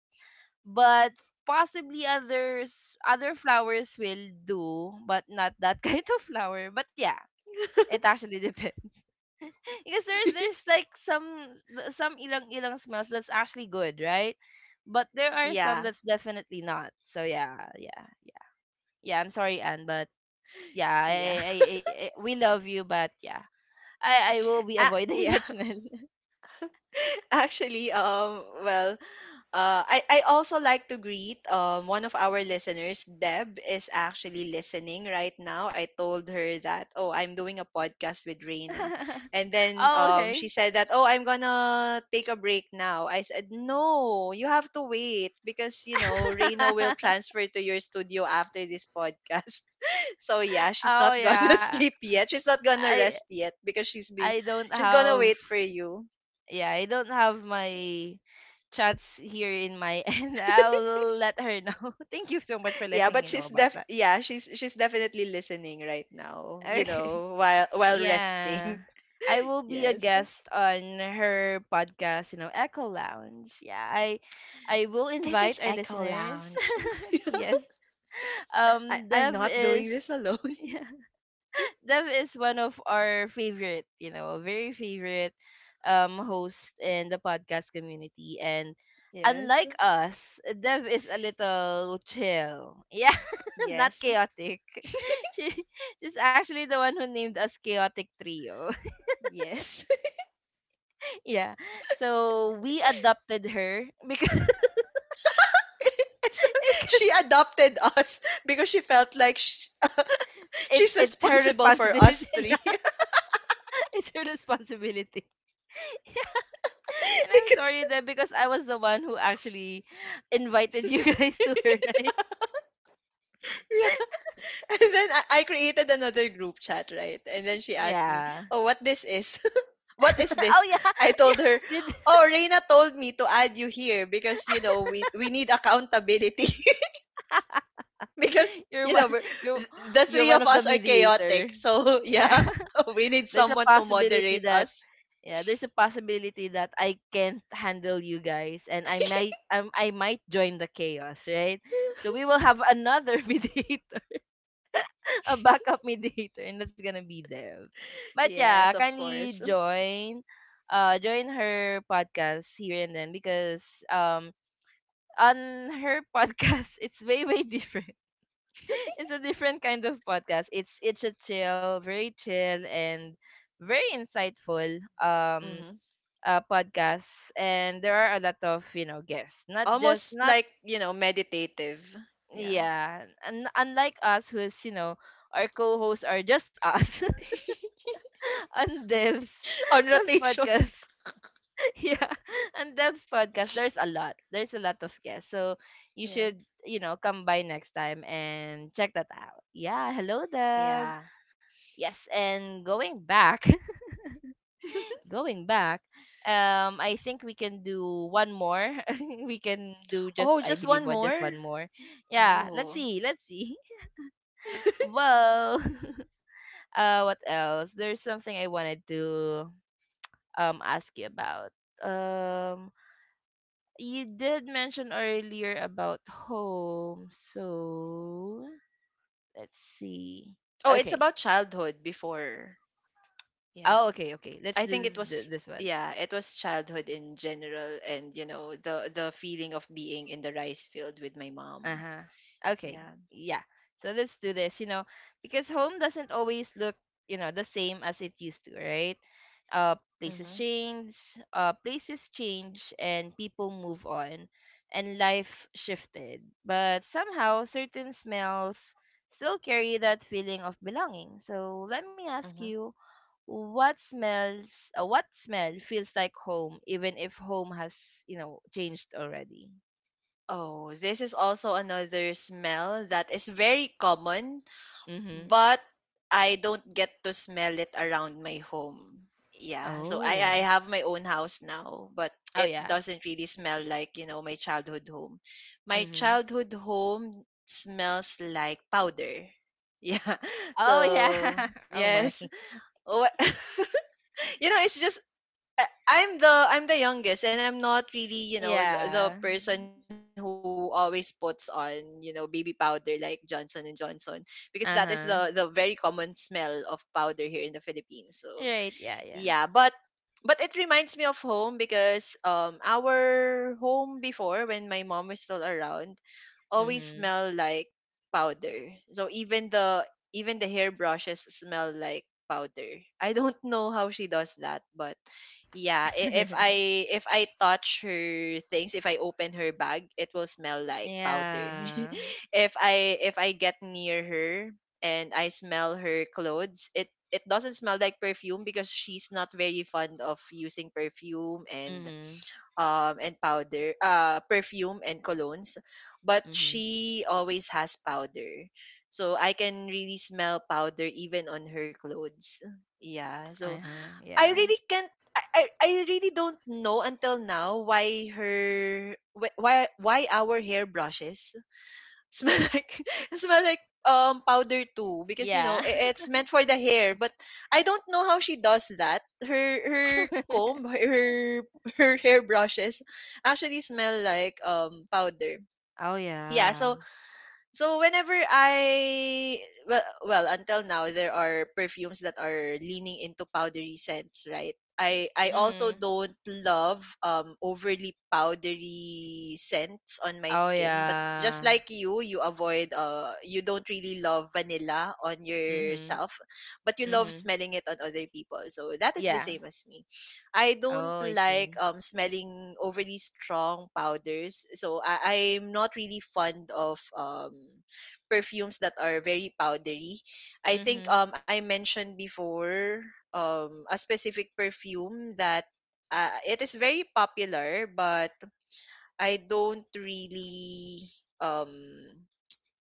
[SPEAKER 1] but possibly others other flowers will do, but not that kind of flower. But yeah, it actually depends because there's there's like some th- some ilang ilang smells that's actually good, right? But there are some
[SPEAKER 2] yeah.
[SPEAKER 1] that's definitely not. So yeah, yeah, yeah, yeah. I'm sorry, Anne, but yeah, I,
[SPEAKER 2] Yeah.
[SPEAKER 1] I, I, I- we love you, but yeah, I, I will be
[SPEAKER 2] ah,
[SPEAKER 1] avoiding
[SPEAKER 2] yeah.
[SPEAKER 1] that smell.
[SPEAKER 2] Actually, um, well, uh, I, I also like to greet um, one of our listeners. Deb is actually listening right now. I told her that, oh, I'm doing a podcast with Reina. And then
[SPEAKER 1] Oh
[SPEAKER 2] um,
[SPEAKER 1] okay.
[SPEAKER 2] she said that, oh, I'm going to take a break now. I said, no, you have to wait because, you know, Reina will transfer to your studio after this podcast. So yeah, she's
[SPEAKER 1] Oh
[SPEAKER 2] not going to
[SPEAKER 1] yeah,
[SPEAKER 2] sleep yet. She's not going to
[SPEAKER 1] I,
[SPEAKER 2] rest yet because she's be
[SPEAKER 1] I don't
[SPEAKER 2] she's going to
[SPEAKER 1] have,
[SPEAKER 2] wait for you.
[SPEAKER 1] yeah, I don't have my chats here in my end. I'll let her know. Thank you so much for
[SPEAKER 2] Yeah,
[SPEAKER 1] letting
[SPEAKER 2] but
[SPEAKER 1] me know
[SPEAKER 2] she's
[SPEAKER 1] about
[SPEAKER 2] def
[SPEAKER 1] that.
[SPEAKER 2] yeah, she's she's definitely listening right now, you
[SPEAKER 1] Okay.
[SPEAKER 2] know, while while resting.
[SPEAKER 1] Yeah. I will be a
[SPEAKER 2] Yes.
[SPEAKER 1] guest on her podcast, you know, Echo Lounge. Yeah, I I will
[SPEAKER 2] This
[SPEAKER 1] invite
[SPEAKER 2] is
[SPEAKER 1] our
[SPEAKER 2] Echo
[SPEAKER 1] listeners.
[SPEAKER 2] Lounge.
[SPEAKER 1] Yes.
[SPEAKER 2] I,
[SPEAKER 1] Um
[SPEAKER 2] I'm
[SPEAKER 1] Dev
[SPEAKER 2] not doing
[SPEAKER 1] is
[SPEAKER 2] this alone.
[SPEAKER 1] Dev is one of our favorite, you know, very favorite um host in the podcast community, and
[SPEAKER 2] Yes.
[SPEAKER 1] unlike us, Dev is a little chill. Yeah, not
[SPEAKER 2] Yes.
[SPEAKER 1] chaotic. She she's actually the one who named us Chaotic Trio.
[SPEAKER 2] Yes.
[SPEAKER 1] Yeah. So we adopted her because
[SPEAKER 2] So, she
[SPEAKER 1] because
[SPEAKER 2] adopted us because she felt like sh
[SPEAKER 1] it's
[SPEAKER 2] she's
[SPEAKER 1] it's her
[SPEAKER 2] responsible for
[SPEAKER 1] responsibility.
[SPEAKER 2] us
[SPEAKER 1] Yeah,
[SPEAKER 2] three.
[SPEAKER 1] it's her responsibility. And I'm
[SPEAKER 2] because
[SPEAKER 1] sorry that because I was the one who actually invited you guys to her, right?
[SPEAKER 2] yeah. And then I, I created another group chat, right? And then she asked me,
[SPEAKER 1] Yeah.
[SPEAKER 2] "Oh, what this is?" What is
[SPEAKER 1] Oh
[SPEAKER 2] this?
[SPEAKER 1] yeah.
[SPEAKER 2] I told
[SPEAKER 1] Yeah.
[SPEAKER 2] her,
[SPEAKER 1] Did
[SPEAKER 2] oh, Reina told me to add you here because, you know, we, we need accountability because,
[SPEAKER 1] you're
[SPEAKER 2] you
[SPEAKER 1] one
[SPEAKER 2] know, we're,
[SPEAKER 1] you are
[SPEAKER 2] the
[SPEAKER 1] you're
[SPEAKER 2] three
[SPEAKER 1] one
[SPEAKER 2] of
[SPEAKER 1] of the
[SPEAKER 2] us are
[SPEAKER 1] mediator.
[SPEAKER 2] chaotic. So,
[SPEAKER 1] Yeah.
[SPEAKER 2] yeah, we need
[SPEAKER 1] there's a
[SPEAKER 2] someone to
[SPEAKER 1] possibility
[SPEAKER 2] moderate
[SPEAKER 1] that
[SPEAKER 2] us.
[SPEAKER 1] yeah, there's a possibility that I can't handle you guys, and I might um, I might join the chaos, right? So we will have another mediator, a backup mediator, and that's gonna be Dev. But yeah,
[SPEAKER 2] Yes, of
[SPEAKER 1] kindly
[SPEAKER 2] course.
[SPEAKER 1] join, uh, join her podcast here, and then because um on her podcast it's way way different. It's a different kind of podcast. It's it's a chill, very chill and very insightful um
[SPEAKER 2] Hmm.
[SPEAKER 1] uh, podcast, and there are a lot of you know guests, not just
[SPEAKER 2] Almost
[SPEAKER 1] not
[SPEAKER 2] like, you know, meditative. Yeah.
[SPEAKER 1] yeah, and unlike us who's you know our co-hosts are just us. On Devs.
[SPEAKER 2] On
[SPEAKER 1] Devs
[SPEAKER 2] rotation.
[SPEAKER 1] podcast. Yeah. On Devs podcast, there's a lot. There's a lot of guests. So you
[SPEAKER 2] Yeah.
[SPEAKER 1] should, you know, come by next time and check that out. Yeah. Hello, Deb.
[SPEAKER 2] Yeah.
[SPEAKER 1] Yes. And going back, going back, um, I think we can do one more. We can do just,
[SPEAKER 2] Oh,
[SPEAKER 1] I
[SPEAKER 2] just
[SPEAKER 1] believe,
[SPEAKER 2] one
[SPEAKER 1] what, just
[SPEAKER 2] more?
[SPEAKER 1] one more. Yeah. Let's
[SPEAKER 2] Oh.
[SPEAKER 1] see. Let's see. Well, uh, what else? There's something I wanted to um ask you about. Um, you did mention earlier about home, so let's see.
[SPEAKER 2] Oh, it's
[SPEAKER 1] Okay.
[SPEAKER 2] about childhood before. Yeah.
[SPEAKER 1] Oh, okay, okay. Let's
[SPEAKER 2] I
[SPEAKER 1] do
[SPEAKER 2] think it
[SPEAKER 1] this,
[SPEAKER 2] was
[SPEAKER 1] th- this one.
[SPEAKER 2] yeah, it was childhood in general and you know the the feeling of being in the rice field with my mom.
[SPEAKER 1] Uh-huh. Okay.
[SPEAKER 2] Yeah.
[SPEAKER 1] Yeah. So let's do this, you know, because home doesn't always look, you know, the same as it used to, right? Uh places
[SPEAKER 2] Mhm.
[SPEAKER 1] change, uh places change and people move on, and life shifted. But somehow certain smells still carry that feeling of belonging. So let me ask
[SPEAKER 2] Mhm.
[SPEAKER 1] you, what smells, uh, what smell feels like home even if home has, you know, changed already?
[SPEAKER 2] Oh, this is also another smell that is very common
[SPEAKER 1] Mhm.
[SPEAKER 2] but I don't get to smell it around my home. Yeah, so I I
[SPEAKER 1] Oh.
[SPEAKER 2] have my own house now, but
[SPEAKER 1] Oh
[SPEAKER 2] it
[SPEAKER 1] yeah.
[SPEAKER 2] doesn't really smell like, you know, my childhood home. My
[SPEAKER 1] Mhm.
[SPEAKER 2] childhood home smells like powder. Yeah.
[SPEAKER 1] Oh
[SPEAKER 2] So,
[SPEAKER 1] yeah. Oh my.
[SPEAKER 2] yes. What you know it's just I- I'm the I'm the youngest and I'm not really you know the, the
[SPEAKER 1] Yeah.
[SPEAKER 2] person who always puts on you know baby powder like Johnson and Johnson because that is the the
[SPEAKER 1] Uh-huh.
[SPEAKER 2] very common smell of powder here in the Philippines so
[SPEAKER 1] Right, yeah, yeah.
[SPEAKER 2] yeah but but it reminds me of home because um our home before when my mom was still around always
[SPEAKER 1] Mhm.
[SPEAKER 2] smell like powder. So even the even the hairbrushes smell like powder. I don't know how she does that, but yeah, i- if I if I touch her things, if I open her bag, it will smell like powder.
[SPEAKER 1] Yeah.
[SPEAKER 2] If I if I get near her, and I smell her clothes, it it doesn't smell like perfume because she's not very fond of using perfume and
[SPEAKER 1] Mhm.
[SPEAKER 2] um and powder uh perfume and colognes but
[SPEAKER 1] Mhm.
[SPEAKER 2] she always has powder so I can really smell powder even on her clothes. Yeah, so
[SPEAKER 1] Uh-huh.
[SPEAKER 2] I
[SPEAKER 1] Yeah.
[SPEAKER 2] really can't, I, I I really don't know until now why her wh- why why our hairbrushes smell like smell like um powder too because you know
[SPEAKER 1] Yeah.
[SPEAKER 2] i- it's meant for the hair but I don't know how she does that her her comb, her her hair brushes actually smell like um powder.
[SPEAKER 1] Oh
[SPEAKER 2] Yeah,
[SPEAKER 1] yeah.
[SPEAKER 2] so so whenever I, well, well until now there are perfumes that are leaning into powdery scents, right? I I also
[SPEAKER 1] Mhm.
[SPEAKER 2] don't love um overly powdery scents on my
[SPEAKER 1] Oh
[SPEAKER 2] skin, but just
[SPEAKER 1] yeah.
[SPEAKER 2] like you, you avoid uh you don't really love vanilla on
[SPEAKER 1] Mhm.
[SPEAKER 2] yourself, but you love
[SPEAKER 1] Mhm.
[SPEAKER 2] smelling it on other people. So that is the
[SPEAKER 1] Yeah.
[SPEAKER 2] same as me. I don't
[SPEAKER 1] Oh, I
[SPEAKER 2] like
[SPEAKER 1] see.
[SPEAKER 2] um smelling overly strong powders. So I, I'm not really fond of um perfumes that are very powdery. I think
[SPEAKER 1] Mhm.
[SPEAKER 2] um I mentioned before um a specific perfume that uh, it is very popular but I don't really um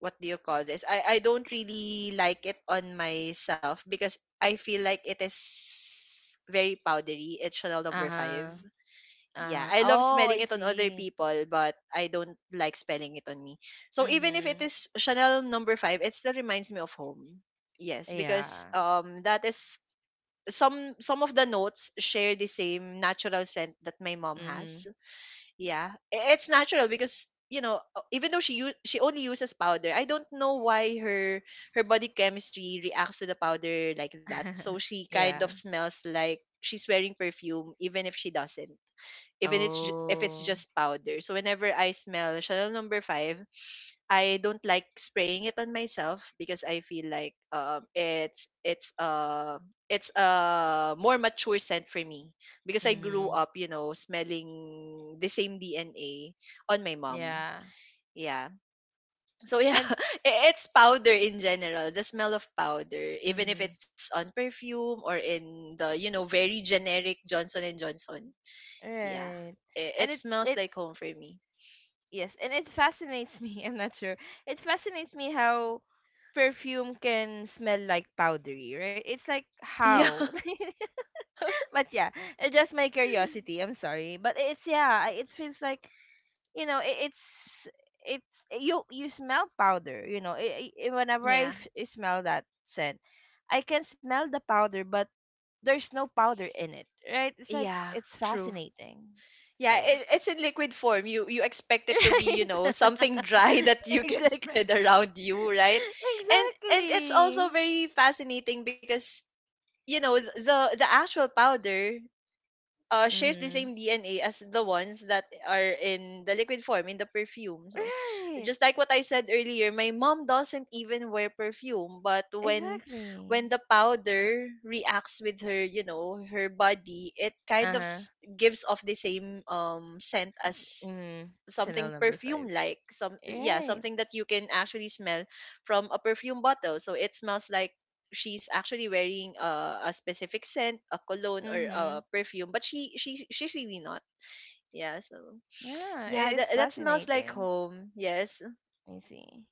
[SPEAKER 2] what do you call this? I I don't really like it on myself because I feel like it is very powdery. It's Chanel number five.
[SPEAKER 1] Uh-huh.
[SPEAKER 2] Yeah,
[SPEAKER 1] Uh,
[SPEAKER 2] I love
[SPEAKER 1] oh,
[SPEAKER 2] smelling
[SPEAKER 1] I
[SPEAKER 2] it on other
[SPEAKER 1] see.
[SPEAKER 2] people, but I don't like smelling it on me. So even if it
[SPEAKER 1] Mhm.
[SPEAKER 2] is Chanel number five, it still reminds me of home. Yes, because
[SPEAKER 1] Yeah.
[SPEAKER 2] um that is some some of the notes share the same natural scent that my mom has.
[SPEAKER 1] Mhm.
[SPEAKER 2] Yeah, i- it's natural because you know uh, even though she u- she only uses powder, I don't know why her her body chemistry reacts to the powder like that. So she kind
[SPEAKER 1] Yeah.
[SPEAKER 2] of smells like she's wearing perfume even if she doesn't. Even it's ju- if it's
[SPEAKER 1] Oh.
[SPEAKER 2] just powder. So whenever I smell Chanel number five, I don't like spraying it on myself because I feel like um it's it's uh it's a more mature scent for me because I grew
[SPEAKER 1] Mm-hmm.
[SPEAKER 2] up, you know, smelling the same D N A on my mom.
[SPEAKER 1] Yeah.
[SPEAKER 2] Yeah. So yeah,
[SPEAKER 1] And
[SPEAKER 2] i- it's powder in general, the smell of powder, even if
[SPEAKER 1] mm-hmm.
[SPEAKER 2] it's on perfume or in the, you know, very generic Johnson and Johnson. Yeah.
[SPEAKER 1] Right.
[SPEAKER 2] It, it
[SPEAKER 1] And it
[SPEAKER 2] smells
[SPEAKER 1] it
[SPEAKER 2] like home for me.
[SPEAKER 1] yes, and it fascinates me. I'm not sure. It fascinates me how perfume can smell like powdery, right? It's like
[SPEAKER 2] Yeah.
[SPEAKER 1] how? But yeah, it's just my curiosity. I'm sorry, but it's yeah, I- it feels like you know, it, it's it's you you smell powder, you know. It, it, whenever I
[SPEAKER 2] Yeah.
[SPEAKER 1] f- I smell that scent, I can smell the powder, but there's no powder in it, right? It's like
[SPEAKER 2] Yeah.
[SPEAKER 1] it's
[SPEAKER 2] True.
[SPEAKER 1] fascinating. So
[SPEAKER 2] Yeah,
[SPEAKER 1] yeah,
[SPEAKER 2] it, it's in liquid form. You you expect it to be, you know,
[SPEAKER 1] right?
[SPEAKER 2] something dry that you can
[SPEAKER 1] Exactly,
[SPEAKER 2] spread around you, right? And and it's also
[SPEAKER 1] exactly.
[SPEAKER 2] very fascinating because you know th- the the actual powder uh, shares the
[SPEAKER 1] Mm-hmm.
[SPEAKER 2] same D N A as the ones that are in the liquid form in the perfume. So,
[SPEAKER 1] Right,
[SPEAKER 2] just like what I said earlier, my mom doesn't even wear perfume, but when
[SPEAKER 1] exactly.
[SPEAKER 2] when the powder reacts with her, you know, her body, it
[SPEAKER 1] Uh
[SPEAKER 2] kind of s-
[SPEAKER 1] huh.
[SPEAKER 2] gives off the same um scent as
[SPEAKER 1] Mm, Chanel
[SPEAKER 2] something
[SPEAKER 1] number five.
[SPEAKER 2] perfume, like some, yeah,
[SPEAKER 1] Right.
[SPEAKER 2] something that you can actually smell from a perfume bottle, so it smells like she's actually wearing a, a specific scent, a cologne or
[SPEAKER 1] Mm-hmm.
[SPEAKER 2] a perfume, but she she she's really not. Yeah so
[SPEAKER 1] Yeah, I-
[SPEAKER 2] yeah
[SPEAKER 1] it's
[SPEAKER 2] that, that smells like
[SPEAKER 1] fascinating.
[SPEAKER 2] home, yes.
[SPEAKER 1] I see.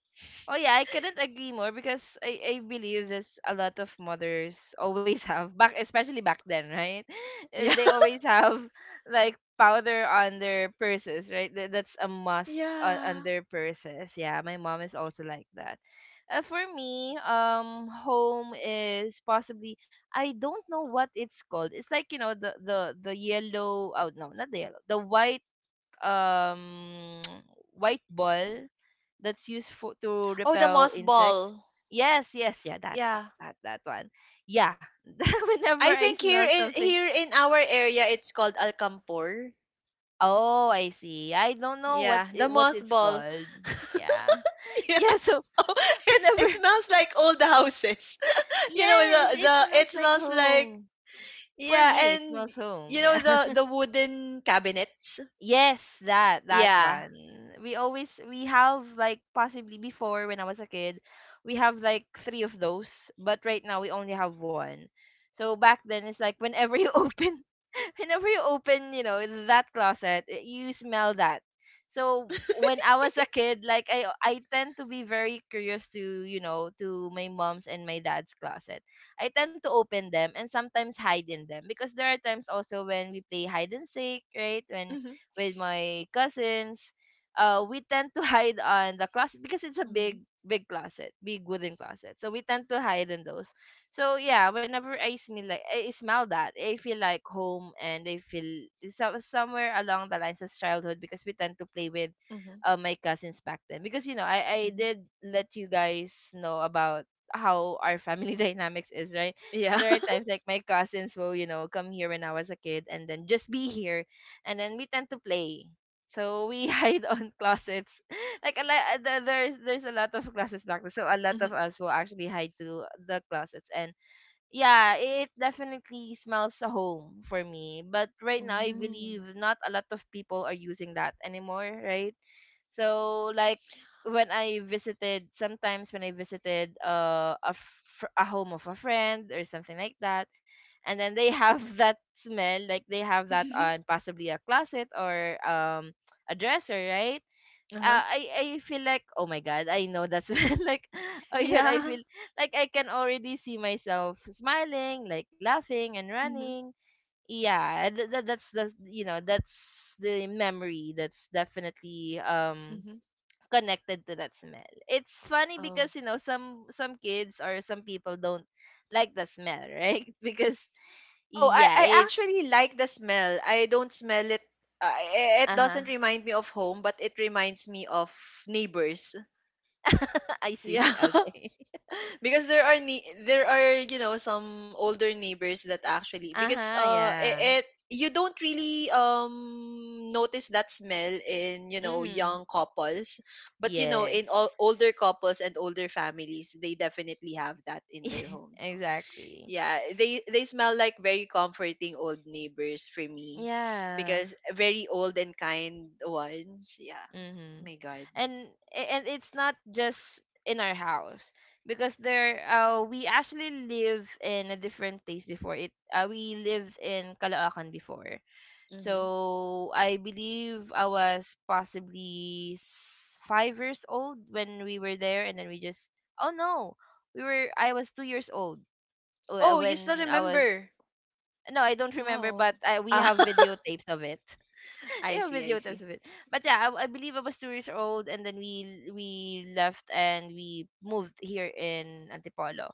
[SPEAKER 1] Oh yeah, I couldn't agree more because I, I believe there's a lot of mothers always have back especially back then, right? Uh,
[SPEAKER 2] yeah.
[SPEAKER 1] they always have like powder on their purses, right? That, that's a must on, on
[SPEAKER 2] Yeah.
[SPEAKER 1] their purses. Yeah, my mom is also like that. Uh, for me, um, home is possibly I don't know what it's called. It's like you know the the the yellow. Oh no, not the yellow. The white um white ball that's used for to
[SPEAKER 2] Oh, the
[SPEAKER 1] repel insects.
[SPEAKER 2] mothball.
[SPEAKER 1] Yes, yes, yeah, that that
[SPEAKER 2] Yeah,
[SPEAKER 1] that, that one. Yeah, whenever
[SPEAKER 2] I
[SPEAKER 1] I
[SPEAKER 2] think here
[SPEAKER 1] smell
[SPEAKER 2] in
[SPEAKER 1] something,
[SPEAKER 2] here in our area it's called alcampor.
[SPEAKER 1] oh, I see. I don't know
[SPEAKER 2] Yeah,
[SPEAKER 1] what's
[SPEAKER 2] the
[SPEAKER 1] it, what's it's
[SPEAKER 2] mothball.
[SPEAKER 1] called. Yeah,
[SPEAKER 2] yeah.
[SPEAKER 1] yeah. So
[SPEAKER 2] Oh, it's it
[SPEAKER 1] whenever,
[SPEAKER 2] smells like old houses, you know,
[SPEAKER 1] yes,
[SPEAKER 2] the
[SPEAKER 1] it
[SPEAKER 2] the
[SPEAKER 1] smells
[SPEAKER 2] it
[SPEAKER 1] like
[SPEAKER 2] smells like,
[SPEAKER 1] home. For
[SPEAKER 2] yeah,
[SPEAKER 1] me, it
[SPEAKER 2] and
[SPEAKER 1] smells home.
[SPEAKER 2] you know
[SPEAKER 1] Yeah.
[SPEAKER 2] the the wooden cabinets.
[SPEAKER 1] Yes, that that
[SPEAKER 2] Yeah.
[SPEAKER 1] one. We always we have like possibly before when I was a kid, we have like three of those, but right now we only have one. So back then it's like whenever you open whenever you open, you know, that closet, i- you smell that. So when I was a kid, like I I tend to be very curious to, you know, to my mom's and my dad's closet. I tend to open them and sometimes hide in them because there are times also when we play hide and seek, right? When
[SPEAKER 2] Mm-hmm.
[SPEAKER 1] with my cousins, uh, we tend to hide on the closet because it's a
[SPEAKER 2] Mm-hmm.
[SPEAKER 1] big, big closet, big wooden closet. So we tend to hide in those. So yeah, whenever I smell like I smell that, I feel like home and I feel so, somewhere along the lines of childhood because we tend to play with
[SPEAKER 2] Mm-hmm.
[SPEAKER 1] uh, my cousins back then. Because you know, I I
[SPEAKER 2] Mm-hmm.
[SPEAKER 1] did let you guys know about how our family dynamics is, right?
[SPEAKER 2] Yeah.
[SPEAKER 1] There are times like my cousins will, you know, come here when I was a kid and then just be here and then we tend to play. So we hide on closets. Like a lot, the- there's there's a lot of closets back there. So a lot of
[SPEAKER 2] Mm-hmm.
[SPEAKER 1] us will actually hide to the closets and yeah, it definitely smells a home for me. But right now I
[SPEAKER 2] hmm
[SPEAKER 1] believe not a lot of people are using that anymore, right? So like when I visited, sometimes when I visited uh, a fr- a home of a friend or something like that, and then they have that smell, like they have that
[SPEAKER 2] hmm
[SPEAKER 1] on possibly a closet or um a dresser, right?
[SPEAKER 2] hmm hmm yeah. hmm mm uh huh
[SPEAKER 1] Uh, I I feel like oh my god, I know that smell. Like oh my god, I
[SPEAKER 2] yeah
[SPEAKER 1] feel like I can already see myself smiling, like laughing and
[SPEAKER 2] hmm
[SPEAKER 1] running. Yeah, th- th- that's the you know that's the memory that's definitely um
[SPEAKER 2] hmm
[SPEAKER 1] connected to that smell. It's funny
[SPEAKER 2] oh
[SPEAKER 1] because you know some some kids or some people don't like the smell, right? Because
[SPEAKER 2] oh, I,
[SPEAKER 1] yeah,
[SPEAKER 2] I
[SPEAKER 1] it's
[SPEAKER 2] actually like the smell. I don't smell it. Uh, i- it
[SPEAKER 1] uh-huh.
[SPEAKER 2] doesn't remind me of home, but it reminds me of neighbors.
[SPEAKER 1] I see.
[SPEAKER 2] Yeah.
[SPEAKER 1] Okay.
[SPEAKER 2] Because there are ne- there are, you know, some older neighbors that actually, because
[SPEAKER 1] Uh-huh,
[SPEAKER 2] uh
[SPEAKER 1] yeah.
[SPEAKER 2] it, it you don't really um notice that smell in, you know,
[SPEAKER 1] Mhm.
[SPEAKER 2] young couples, but you know,
[SPEAKER 1] Yes.
[SPEAKER 2] in all older couples and older families, they definitely have that in
[SPEAKER 1] Yeah,
[SPEAKER 2] their homes. So,
[SPEAKER 1] exactly.
[SPEAKER 2] yeah, they they smell like very comforting old neighbors for me,
[SPEAKER 1] Yeah.
[SPEAKER 2] because very old and kind ones. Yeah.
[SPEAKER 1] Mhm.
[SPEAKER 2] My god.
[SPEAKER 1] And a- and it's not just in our house because there uh we actually live in a different place before it. Uh, we lived in Caloocan before.
[SPEAKER 2] hmm
[SPEAKER 1] So I believe I was possibly s- five years old when we were there, and then we just oh no, we were I was two years old wh-
[SPEAKER 2] oh, you still
[SPEAKER 1] when I was
[SPEAKER 2] remember?
[SPEAKER 1] no I don't remember, but
[SPEAKER 2] Wow.
[SPEAKER 1] I, we
[SPEAKER 2] Ah.
[SPEAKER 1] have videotapes of it. We
[SPEAKER 2] I
[SPEAKER 1] have
[SPEAKER 2] see, I
[SPEAKER 1] videotapes
[SPEAKER 2] see.
[SPEAKER 1] of it. But yeah, I, I believe I was two years old, and then we we left and we moved here in Antipolo.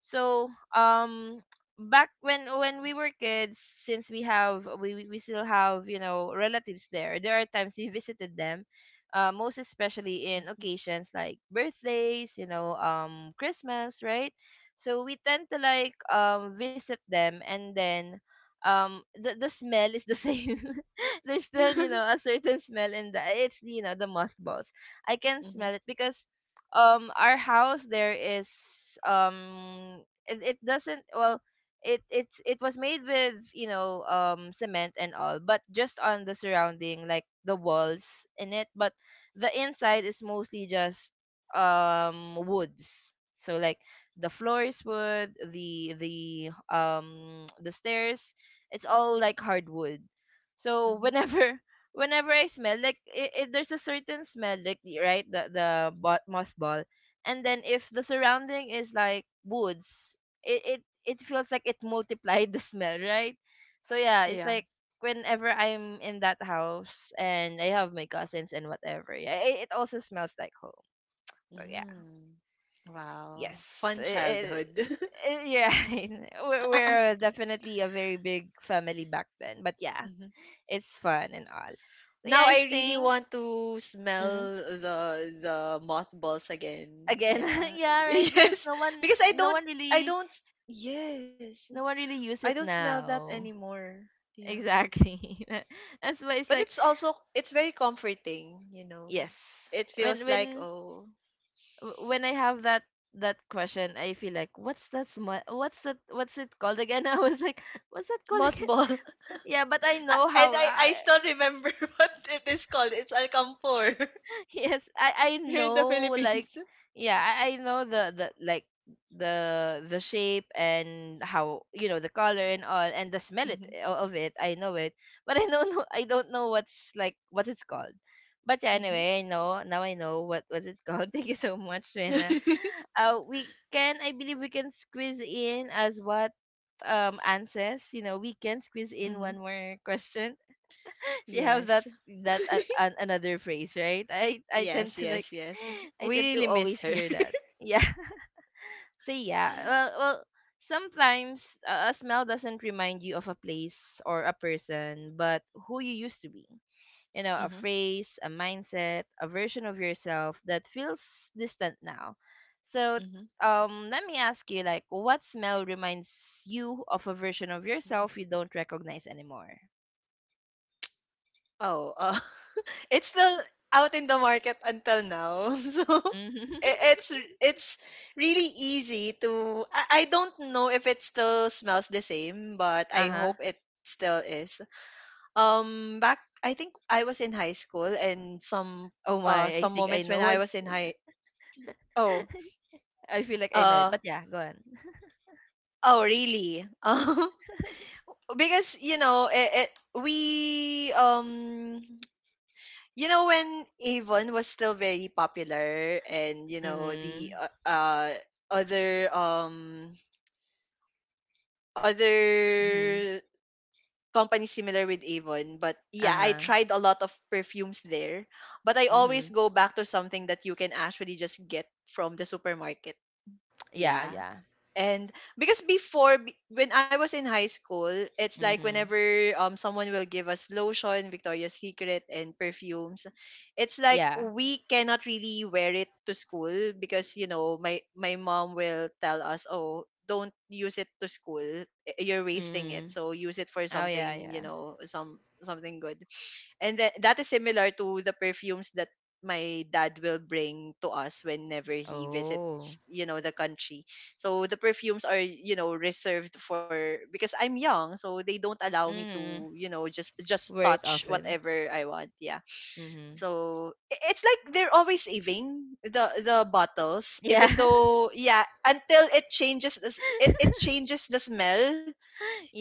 [SPEAKER 1] So um back when when we were kids, since we have we we we still have you know relatives there, there are times we visited them, uh, most especially in
[SPEAKER 2] Mm-hmm.
[SPEAKER 1] occasions like birthdays, you know, um, Christmas, right? So we tend to like um visit them, and then um the the smell is the same. There's still you know a certain smell in the it's you know the mothballs. I can
[SPEAKER 2] Mm-hmm.
[SPEAKER 1] smell it because um our house there is um it, it doesn't well it it's it was made with you know um cement and all but just on the surrounding like the walls in it but the inside is mostly just um woods so like the floor is wood the the um the stairs it's all like hardwood so
[SPEAKER 2] hmm
[SPEAKER 1] whenever whenever I smell like i i there's a certain smell like the- right the the bot mothball and then if the surrounding is like woods it it it feels like it multiplied the smell right so yeah it's
[SPEAKER 2] Yeah.
[SPEAKER 1] like whenever I'm in that house and I have my cousins and whatever yeah it, it also smells like home so yeah
[SPEAKER 2] Mm. Wow.
[SPEAKER 1] yes
[SPEAKER 2] Fun
[SPEAKER 1] it,
[SPEAKER 2] childhood.
[SPEAKER 1] it, you we're, we're definitely a very big family back then but yeah
[SPEAKER 2] Mhm.
[SPEAKER 1] it's fun and all so yeah
[SPEAKER 2] Now
[SPEAKER 1] I
[SPEAKER 2] I really
[SPEAKER 1] think
[SPEAKER 2] want to
[SPEAKER 1] mm-hmm.
[SPEAKER 2] smell the the mothballs again.
[SPEAKER 1] Again.
[SPEAKER 2] Yeah.
[SPEAKER 1] Yeah, right. Because
[SPEAKER 2] Yes.
[SPEAKER 1] no one,
[SPEAKER 2] Because I
[SPEAKER 1] no
[SPEAKER 2] don't,
[SPEAKER 1] one
[SPEAKER 2] I
[SPEAKER 1] really,
[SPEAKER 2] don't, yes.
[SPEAKER 1] no one really
[SPEAKER 2] I
[SPEAKER 1] use
[SPEAKER 2] don't
[SPEAKER 1] it
[SPEAKER 2] smell that
[SPEAKER 1] now.
[SPEAKER 2] anymore. Yeah.
[SPEAKER 1] Exactly. That- That's why it's
[SPEAKER 2] But
[SPEAKER 1] like
[SPEAKER 2] it's also, it's very comforting, you know.
[SPEAKER 1] yes.
[SPEAKER 2] It
[SPEAKER 1] When
[SPEAKER 2] feels like
[SPEAKER 1] when
[SPEAKER 2] oh.
[SPEAKER 1] w- when I have that that question, I feel like what's that sma- what's that what's it called again? I was like, what's that called again?
[SPEAKER 2] Mothball.
[SPEAKER 1] Yeah, but I
[SPEAKER 2] I-
[SPEAKER 1] know
[SPEAKER 2] and
[SPEAKER 1] how.
[SPEAKER 2] I,
[SPEAKER 1] Uh,
[SPEAKER 2] I still remember what it is called. It's Alcampor
[SPEAKER 1] yes, I I
[SPEAKER 2] here in the
[SPEAKER 1] know like
[SPEAKER 2] Philippines.
[SPEAKER 1] yeah, I, I know the the like the the shape and how you know the color and all and the smell it
[SPEAKER 2] hmm
[SPEAKER 1] o- of it. I know it, but I don't know I don't know what's like what it's called. But yeah,
[SPEAKER 2] hmm
[SPEAKER 1] anyway, I know now I know what was it called. Thank you so much, Rena. Uh, we can I believe we can squeeze in as what um answers. You know, we can squeeze in
[SPEAKER 2] hmm
[SPEAKER 1] one more question she have that
[SPEAKER 2] Yes.
[SPEAKER 1] that uh, an, another phrase, right? I I tend
[SPEAKER 2] Yes,
[SPEAKER 1] to like
[SPEAKER 2] yes, yes.
[SPEAKER 1] I tend
[SPEAKER 2] We
[SPEAKER 1] to
[SPEAKER 2] really miss
[SPEAKER 1] always
[SPEAKER 2] her.
[SPEAKER 1] hear that. Yeah. So yeah, well well sometimes uh, a smell doesn't remind you of a place or a person, but who you used to be. You know, a
[SPEAKER 2] hmm
[SPEAKER 1] phrase, a mindset, a version of yourself that feels distant now. So
[SPEAKER 2] hmm
[SPEAKER 1] um let me ask you like what smell reminds you of a version of yourself you don't recognize anymore?
[SPEAKER 2] Oh, uh, it's still out in the market until now. So
[SPEAKER 1] Uh
[SPEAKER 2] i- it's it's really easy to, I, I don't know if it still smells the same, but I
[SPEAKER 1] Uh-huh.
[SPEAKER 2] hope it still is. Um back, I think I was in high school, and some
[SPEAKER 1] Oh
[SPEAKER 2] uh
[SPEAKER 1] my, I
[SPEAKER 2] some
[SPEAKER 1] think I
[SPEAKER 2] moments when
[SPEAKER 1] know
[SPEAKER 2] I
[SPEAKER 1] what's
[SPEAKER 2] was in high. Oh.
[SPEAKER 1] I feel like I know it.
[SPEAKER 2] Uh,
[SPEAKER 1] But yeah, go on.
[SPEAKER 2] oh really? Um because you know, it, it we, um you know, when Avon was still very popular, and you know,
[SPEAKER 1] Mm-hmm.
[SPEAKER 2] the uh, uh other um
[SPEAKER 1] Mm-hmm.
[SPEAKER 2] other company similar with Avon. But yeah, I
[SPEAKER 1] Uh-huh.
[SPEAKER 2] tried a lot of perfumes there. But I always
[SPEAKER 1] Mm-hmm.
[SPEAKER 2] go back to something that you can actually just get from the supermarket.
[SPEAKER 1] Yeah,
[SPEAKER 2] Yeah.
[SPEAKER 1] yeah.
[SPEAKER 2] And because before b- when I was in high school, it's like
[SPEAKER 1] Mm-hmm.
[SPEAKER 2] whenever um someone will give us lotion, Victoria's Secret and perfumes, it's like
[SPEAKER 1] Yeah.
[SPEAKER 2] we cannot really wear it to school, because you know, my my mom will tell us, "Oh, don't use it to school. I- You're wasting it.
[SPEAKER 1] Mm-hmm.
[SPEAKER 2] So use it for
[SPEAKER 1] Oh yeah,
[SPEAKER 2] something, you
[SPEAKER 1] yeah.
[SPEAKER 2] know, some something good." And tha that is similar to the perfumes that my dad will bring to us whenever he
[SPEAKER 1] Oh.
[SPEAKER 2] visits, you know, the country. So the perfumes are, you know, reserved for, because I'm young, so they don't allow me
[SPEAKER 1] Mm-hmm.
[SPEAKER 2] to, you know, just just
[SPEAKER 1] Wear it
[SPEAKER 2] touch
[SPEAKER 1] often.
[SPEAKER 2] whatever I want. Yeah.
[SPEAKER 1] Mm-hmm.
[SPEAKER 2] So i- it's like they're always saving the the bottles,
[SPEAKER 1] Yeah.
[SPEAKER 2] even though yeah, until it changes this, it, it changes the smell.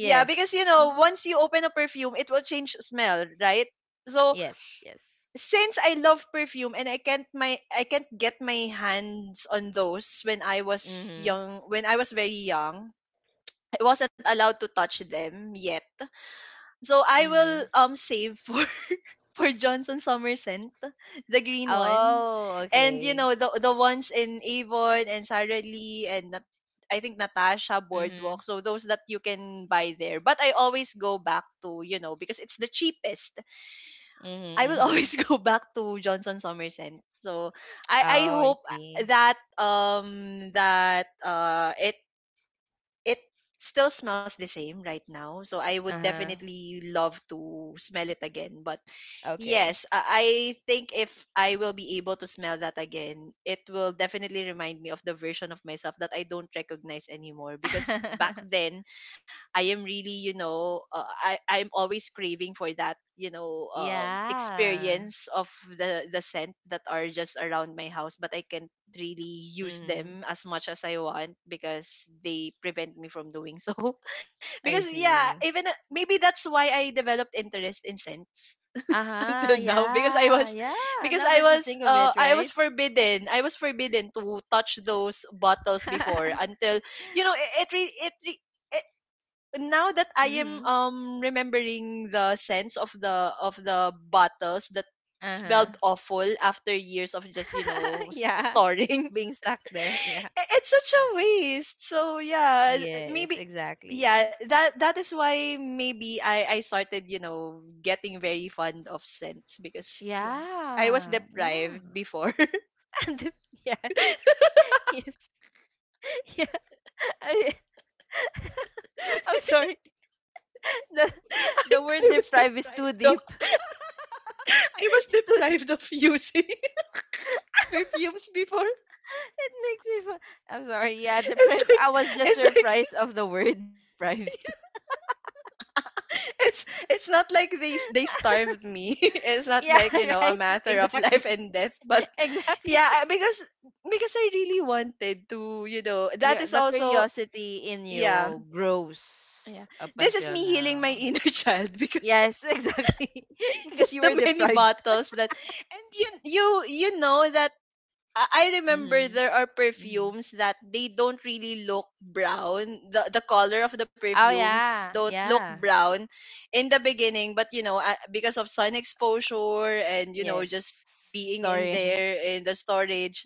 [SPEAKER 2] Yeah, because you know, once you open a perfume, it will change smell, right? So
[SPEAKER 1] Yes. Yes.
[SPEAKER 2] since I love perfume and I can't my I can't get my hands on those when I was
[SPEAKER 1] Mm-hmm.
[SPEAKER 2] young, when I was very young, I wasn't allowed to touch them yet. So I will
[SPEAKER 1] Mm-hmm.
[SPEAKER 2] um save for for Johnson Summer scent, the green one,
[SPEAKER 1] Oh,
[SPEAKER 2] and you
[SPEAKER 1] okay.
[SPEAKER 2] know, the the ones in Avon and Sara Lee and Nat- I think Natasha
[SPEAKER 1] Mm-hmm.
[SPEAKER 2] Boardwalk, so those that you can buy there. But I always go back to, you know, because it's the cheapest,
[SPEAKER 1] Mm-hmm.
[SPEAKER 2] I will
[SPEAKER 1] Mm-hmm.
[SPEAKER 2] always go back to Johnson Somerset. So I I
[SPEAKER 1] Oh, I
[SPEAKER 2] hope
[SPEAKER 1] see.
[SPEAKER 2] that um that uh it it still smells the same right now. So I would
[SPEAKER 1] Uh-huh.
[SPEAKER 2] definitely love to smell it again. But
[SPEAKER 1] Okay.
[SPEAKER 2] yes, I I think if I will be able to smell that again, it will definitely remind me of the version of myself that I don't recognize anymore, because back then I am really, you know, uh, I I'm always craving for that, you know, um,
[SPEAKER 1] Yeah.
[SPEAKER 2] experience of the the scent that are just around my house, but I can't really use
[SPEAKER 1] Mm-hmm.
[SPEAKER 2] them as much as I want because they prevent me from doing so.
[SPEAKER 1] I
[SPEAKER 2] Because yeah,
[SPEAKER 1] see.
[SPEAKER 2] even uh, maybe that's why I developed interest in scents
[SPEAKER 1] Uh-huh.
[SPEAKER 2] until now, because I
[SPEAKER 1] Yeah.
[SPEAKER 2] was,
[SPEAKER 1] Yeah.
[SPEAKER 2] because
[SPEAKER 1] Now
[SPEAKER 2] I
[SPEAKER 1] that you
[SPEAKER 2] was
[SPEAKER 1] think of
[SPEAKER 2] uh
[SPEAKER 1] it,
[SPEAKER 2] I was
[SPEAKER 1] right?
[SPEAKER 2] forbidden I was forbidden to touch those bottles before. Until, you know, it it, re- it re- now that I am
[SPEAKER 1] Mhm.
[SPEAKER 2] um remembering the sense of the of the bottles that
[SPEAKER 1] Uh-huh.
[SPEAKER 2] smelled awful after years of just, you know, s-
[SPEAKER 1] Yeah.
[SPEAKER 2] storing.
[SPEAKER 1] Being stuck there. Yeah.
[SPEAKER 2] I- it's such a waste. So yeah,
[SPEAKER 1] Yes,
[SPEAKER 2] maybe, yeah,
[SPEAKER 1] exactly.
[SPEAKER 2] that that is why maybe i i started, you know, getting very fond of scents, because yeah, I was
[SPEAKER 1] Yeah.
[SPEAKER 2] deprived
[SPEAKER 1] Yeah.
[SPEAKER 2] before.
[SPEAKER 1] And the- yeah. Yes. Yeah. I,
[SPEAKER 2] I,
[SPEAKER 1] I'm sorry. The the word
[SPEAKER 2] I was
[SPEAKER 1] deprive is too
[SPEAKER 2] deprived of
[SPEAKER 1] deep.
[SPEAKER 2] i was
[SPEAKER 1] It's too deep.
[SPEAKER 2] deprived of using perfumes before.
[SPEAKER 1] It makes me fa- I'm sorry. Yeah,
[SPEAKER 2] It's
[SPEAKER 1] deprive. I
[SPEAKER 2] like,
[SPEAKER 1] was just
[SPEAKER 2] it's like
[SPEAKER 1] surprised of the word deprived.
[SPEAKER 2] it's it's not like they they starved me. It's not
[SPEAKER 1] Yeah,
[SPEAKER 2] like, you know, a
[SPEAKER 1] right.
[SPEAKER 2] matter of
[SPEAKER 1] Exactly.
[SPEAKER 2] life and death, but
[SPEAKER 1] Exactly.
[SPEAKER 2] yeah, I- because because i really wanted to, you know, that
[SPEAKER 1] Your
[SPEAKER 2] is
[SPEAKER 1] the
[SPEAKER 2] also,
[SPEAKER 1] curiosity in
[SPEAKER 2] yeah,
[SPEAKER 1] you
[SPEAKER 2] yeah,
[SPEAKER 1] grows up
[SPEAKER 2] this is
[SPEAKER 1] until
[SPEAKER 2] me healing my
[SPEAKER 1] now.
[SPEAKER 2] inner child, because
[SPEAKER 1] Yes, exactly. Because
[SPEAKER 2] just
[SPEAKER 1] you
[SPEAKER 2] the
[SPEAKER 1] were
[SPEAKER 2] many
[SPEAKER 1] deprived.
[SPEAKER 2] bottles that, and you you you know that I I remember
[SPEAKER 1] Mm-hmm.
[SPEAKER 2] there are
[SPEAKER 1] Mm-hmm.
[SPEAKER 2] perfumes that they don't really look brown. The the color of the
[SPEAKER 1] Oh
[SPEAKER 2] perfumes
[SPEAKER 1] yeah,
[SPEAKER 2] don't look
[SPEAKER 1] yeah.
[SPEAKER 2] brown in the beginning, but you know, uh, because of sun exposure and you know,
[SPEAKER 1] Yes.
[SPEAKER 2] just being in
[SPEAKER 1] Storing.
[SPEAKER 2] there in the storage,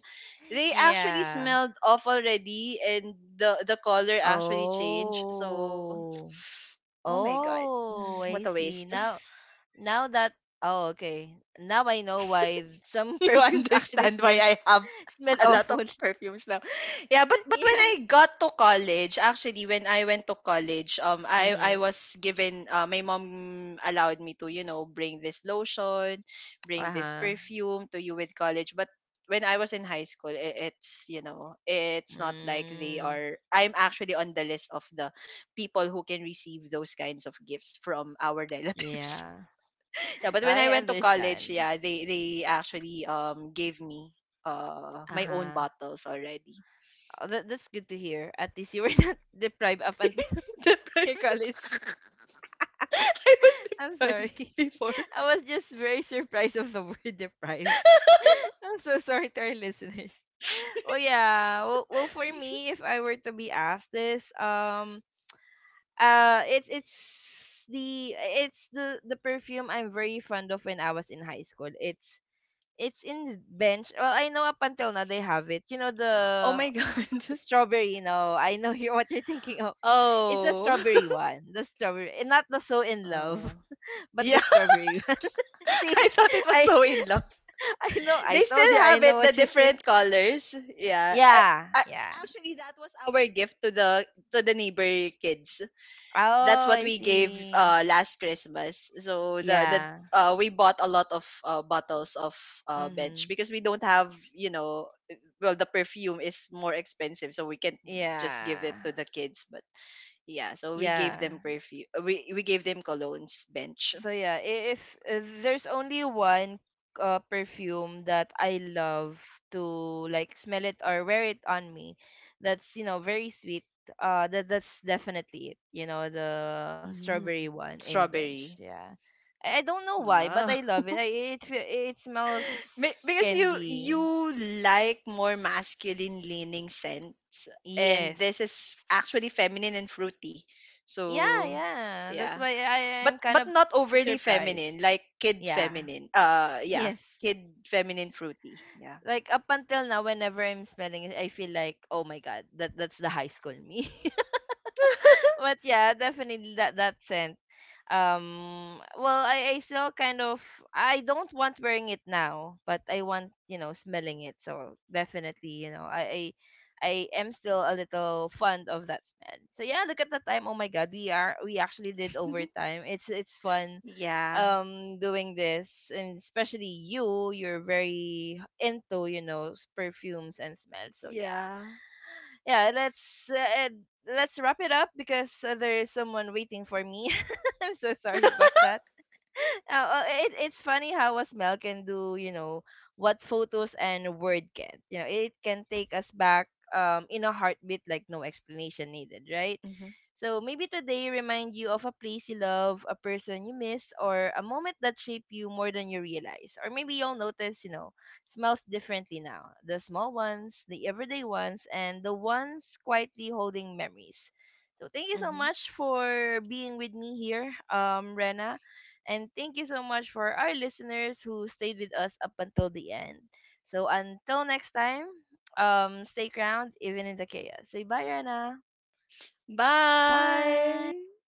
[SPEAKER 2] they actually
[SPEAKER 1] Yeah.
[SPEAKER 2] smelled off already, and the the color actually changed. So,
[SPEAKER 1] Oh.
[SPEAKER 2] oh my god.
[SPEAKER 1] Oh,
[SPEAKER 2] What a
[SPEAKER 1] I
[SPEAKER 2] waste.
[SPEAKER 1] see. Now now that oh okay. Now I know why some
[SPEAKER 2] You
[SPEAKER 1] perfumes actually
[SPEAKER 2] understand why
[SPEAKER 1] smell
[SPEAKER 2] I have
[SPEAKER 1] smell
[SPEAKER 2] a lot of
[SPEAKER 1] awful.
[SPEAKER 2] perfumes now. Yeah, but but when
[SPEAKER 1] Yeah.
[SPEAKER 2] I got to college, actually when I went to college, um I I
[SPEAKER 1] Mm-hmm.
[SPEAKER 2] was given uh, my mom allowed me to, you know, bring this lotion, bring this
[SPEAKER 1] Uh-huh.
[SPEAKER 2] perfume to you with college. But when I was in high school, i- it's, you know, it's not like they
[SPEAKER 1] Mm.
[SPEAKER 2] are. I'm actually on the list of the people who can receive those kinds of gifts from our relatives.
[SPEAKER 1] Yeah.
[SPEAKER 2] Yeah, but
[SPEAKER 1] No,
[SPEAKER 2] when
[SPEAKER 1] I
[SPEAKER 2] I went to college,
[SPEAKER 1] understand.
[SPEAKER 2] yeah, they they actually um gave me uh my own
[SPEAKER 1] Uh-huh.
[SPEAKER 2] bottles already.
[SPEAKER 1] Oh, that, that's good to hear. At least you were not deprived up until
[SPEAKER 2] Deprived.
[SPEAKER 1] your college.
[SPEAKER 2] I was
[SPEAKER 1] I'm
[SPEAKER 2] deprived
[SPEAKER 1] sorry.
[SPEAKER 2] before.
[SPEAKER 1] I was just very surprised of the word deprived. I'm so sorry to our listeners. Oh yeah. Well, well for me, if I were to be asked this, um uh it's it's the it's the the perfume I'm very fond of when I was in high school. It's it's in bench. Well, I know up until now they have it. You know
[SPEAKER 2] Oh
[SPEAKER 1] the
[SPEAKER 2] my god.
[SPEAKER 1] strawberry. No, I know you what you're thinking of. It's the
[SPEAKER 2] Oh.
[SPEAKER 1] strawberry one. The strawberry, eh, not the so in
[SPEAKER 2] Oh.
[SPEAKER 1] love, but
[SPEAKER 2] Yeah.
[SPEAKER 1] the strawberry one. See,
[SPEAKER 2] I thought it was
[SPEAKER 1] I
[SPEAKER 2] so in love.
[SPEAKER 1] I know. I
[SPEAKER 2] They
[SPEAKER 1] told
[SPEAKER 2] still
[SPEAKER 1] you. I
[SPEAKER 2] have it,
[SPEAKER 1] know
[SPEAKER 2] the
[SPEAKER 1] what you're saying.
[SPEAKER 2] different colors. Yeah. I,
[SPEAKER 1] Yeah,
[SPEAKER 2] I
[SPEAKER 1] yeah.
[SPEAKER 2] actually that was our gift to the to the neighbor kids. That's
[SPEAKER 1] Oh,
[SPEAKER 2] what
[SPEAKER 1] I
[SPEAKER 2] we gave
[SPEAKER 1] see.
[SPEAKER 2] uh last Christmas. So the the
[SPEAKER 1] Yeah.
[SPEAKER 2] uh we bought a lot of uh, bottles of uh bench,
[SPEAKER 1] Mhm.
[SPEAKER 2] because we don't have, you know, well, the perfume is more expensive, so we can't just give it
[SPEAKER 1] Yeah.
[SPEAKER 2] to the kids, but yeah, so we gave
[SPEAKER 1] Yeah.
[SPEAKER 2] them perfume. We we gave them colognes bench.
[SPEAKER 1] So yeah, i- if uh, there's only one uh, perfume that I love to like smell it or wear it on me, that's you know very sweet. Uh, that that's definitely it. You know the strawberry
[SPEAKER 2] Mm,
[SPEAKER 1] one in bench.
[SPEAKER 2] strawberry.
[SPEAKER 1] Yeah, I, I don't know why, but
[SPEAKER 2] Wow.
[SPEAKER 1] I love it. I, it fe- it smells
[SPEAKER 2] Be- because you you
[SPEAKER 1] candy.
[SPEAKER 2] like more masculine leaning scents, and
[SPEAKER 1] Yes.
[SPEAKER 2] this is actually feminine and fruity,
[SPEAKER 1] Yeah,
[SPEAKER 2] so
[SPEAKER 1] yeah. That's
[SPEAKER 2] yeah.
[SPEAKER 1] why I I
[SPEAKER 2] but
[SPEAKER 1] am kind
[SPEAKER 2] but
[SPEAKER 1] of
[SPEAKER 2] not overly feminine,
[SPEAKER 1] surprised.
[SPEAKER 2] like kid
[SPEAKER 1] Yeah.
[SPEAKER 2] feminine, uh yeah.
[SPEAKER 1] Yes.
[SPEAKER 2] Kid feminine fruity, yeah.
[SPEAKER 1] Like up until now, whenever I'm smelling it, I feel like, oh my god, that that's the high school me. But yeah, definitely that that scent. Um, well, I I still kind of I don't want wearing it now, but I want you know smelling it. So definitely, you know, I I, I am still a little fond of that smell. So yeah, look at the time. Oh my God, we are we actually did overtime. It's it's fun
[SPEAKER 2] Yeah,
[SPEAKER 1] um doing this and especially you you're very into you know s- perfumes and smells so yeah
[SPEAKER 2] yeah.
[SPEAKER 1] yeah, let's uh, let's wrap it up because uh, there is someone waiting for me. I'm so sorry about that. Uh, uh, it, it's funny how a smell can do, you know, what photos and word can. You know, it can take us back um, in a heartbeat, like no explanation needed, right?
[SPEAKER 2] hmm
[SPEAKER 1] So maybe today remind you of a place you love, a person you miss, or a moment that shaped you more than you realize. Or maybe you'll notice, you know, smells differently now. The small ones, the everyday ones, and the ones quietly holding memories. So thank you so
[SPEAKER 2] hmm
[SPEAKER 1] much for being with me here, um, Rena. And thank you so much for our listeners who stayed with us up until the end. So until next time, um, stay ground even in the chaos. Say bye, Rana. Bye.
[SPEAKER 2] Bye.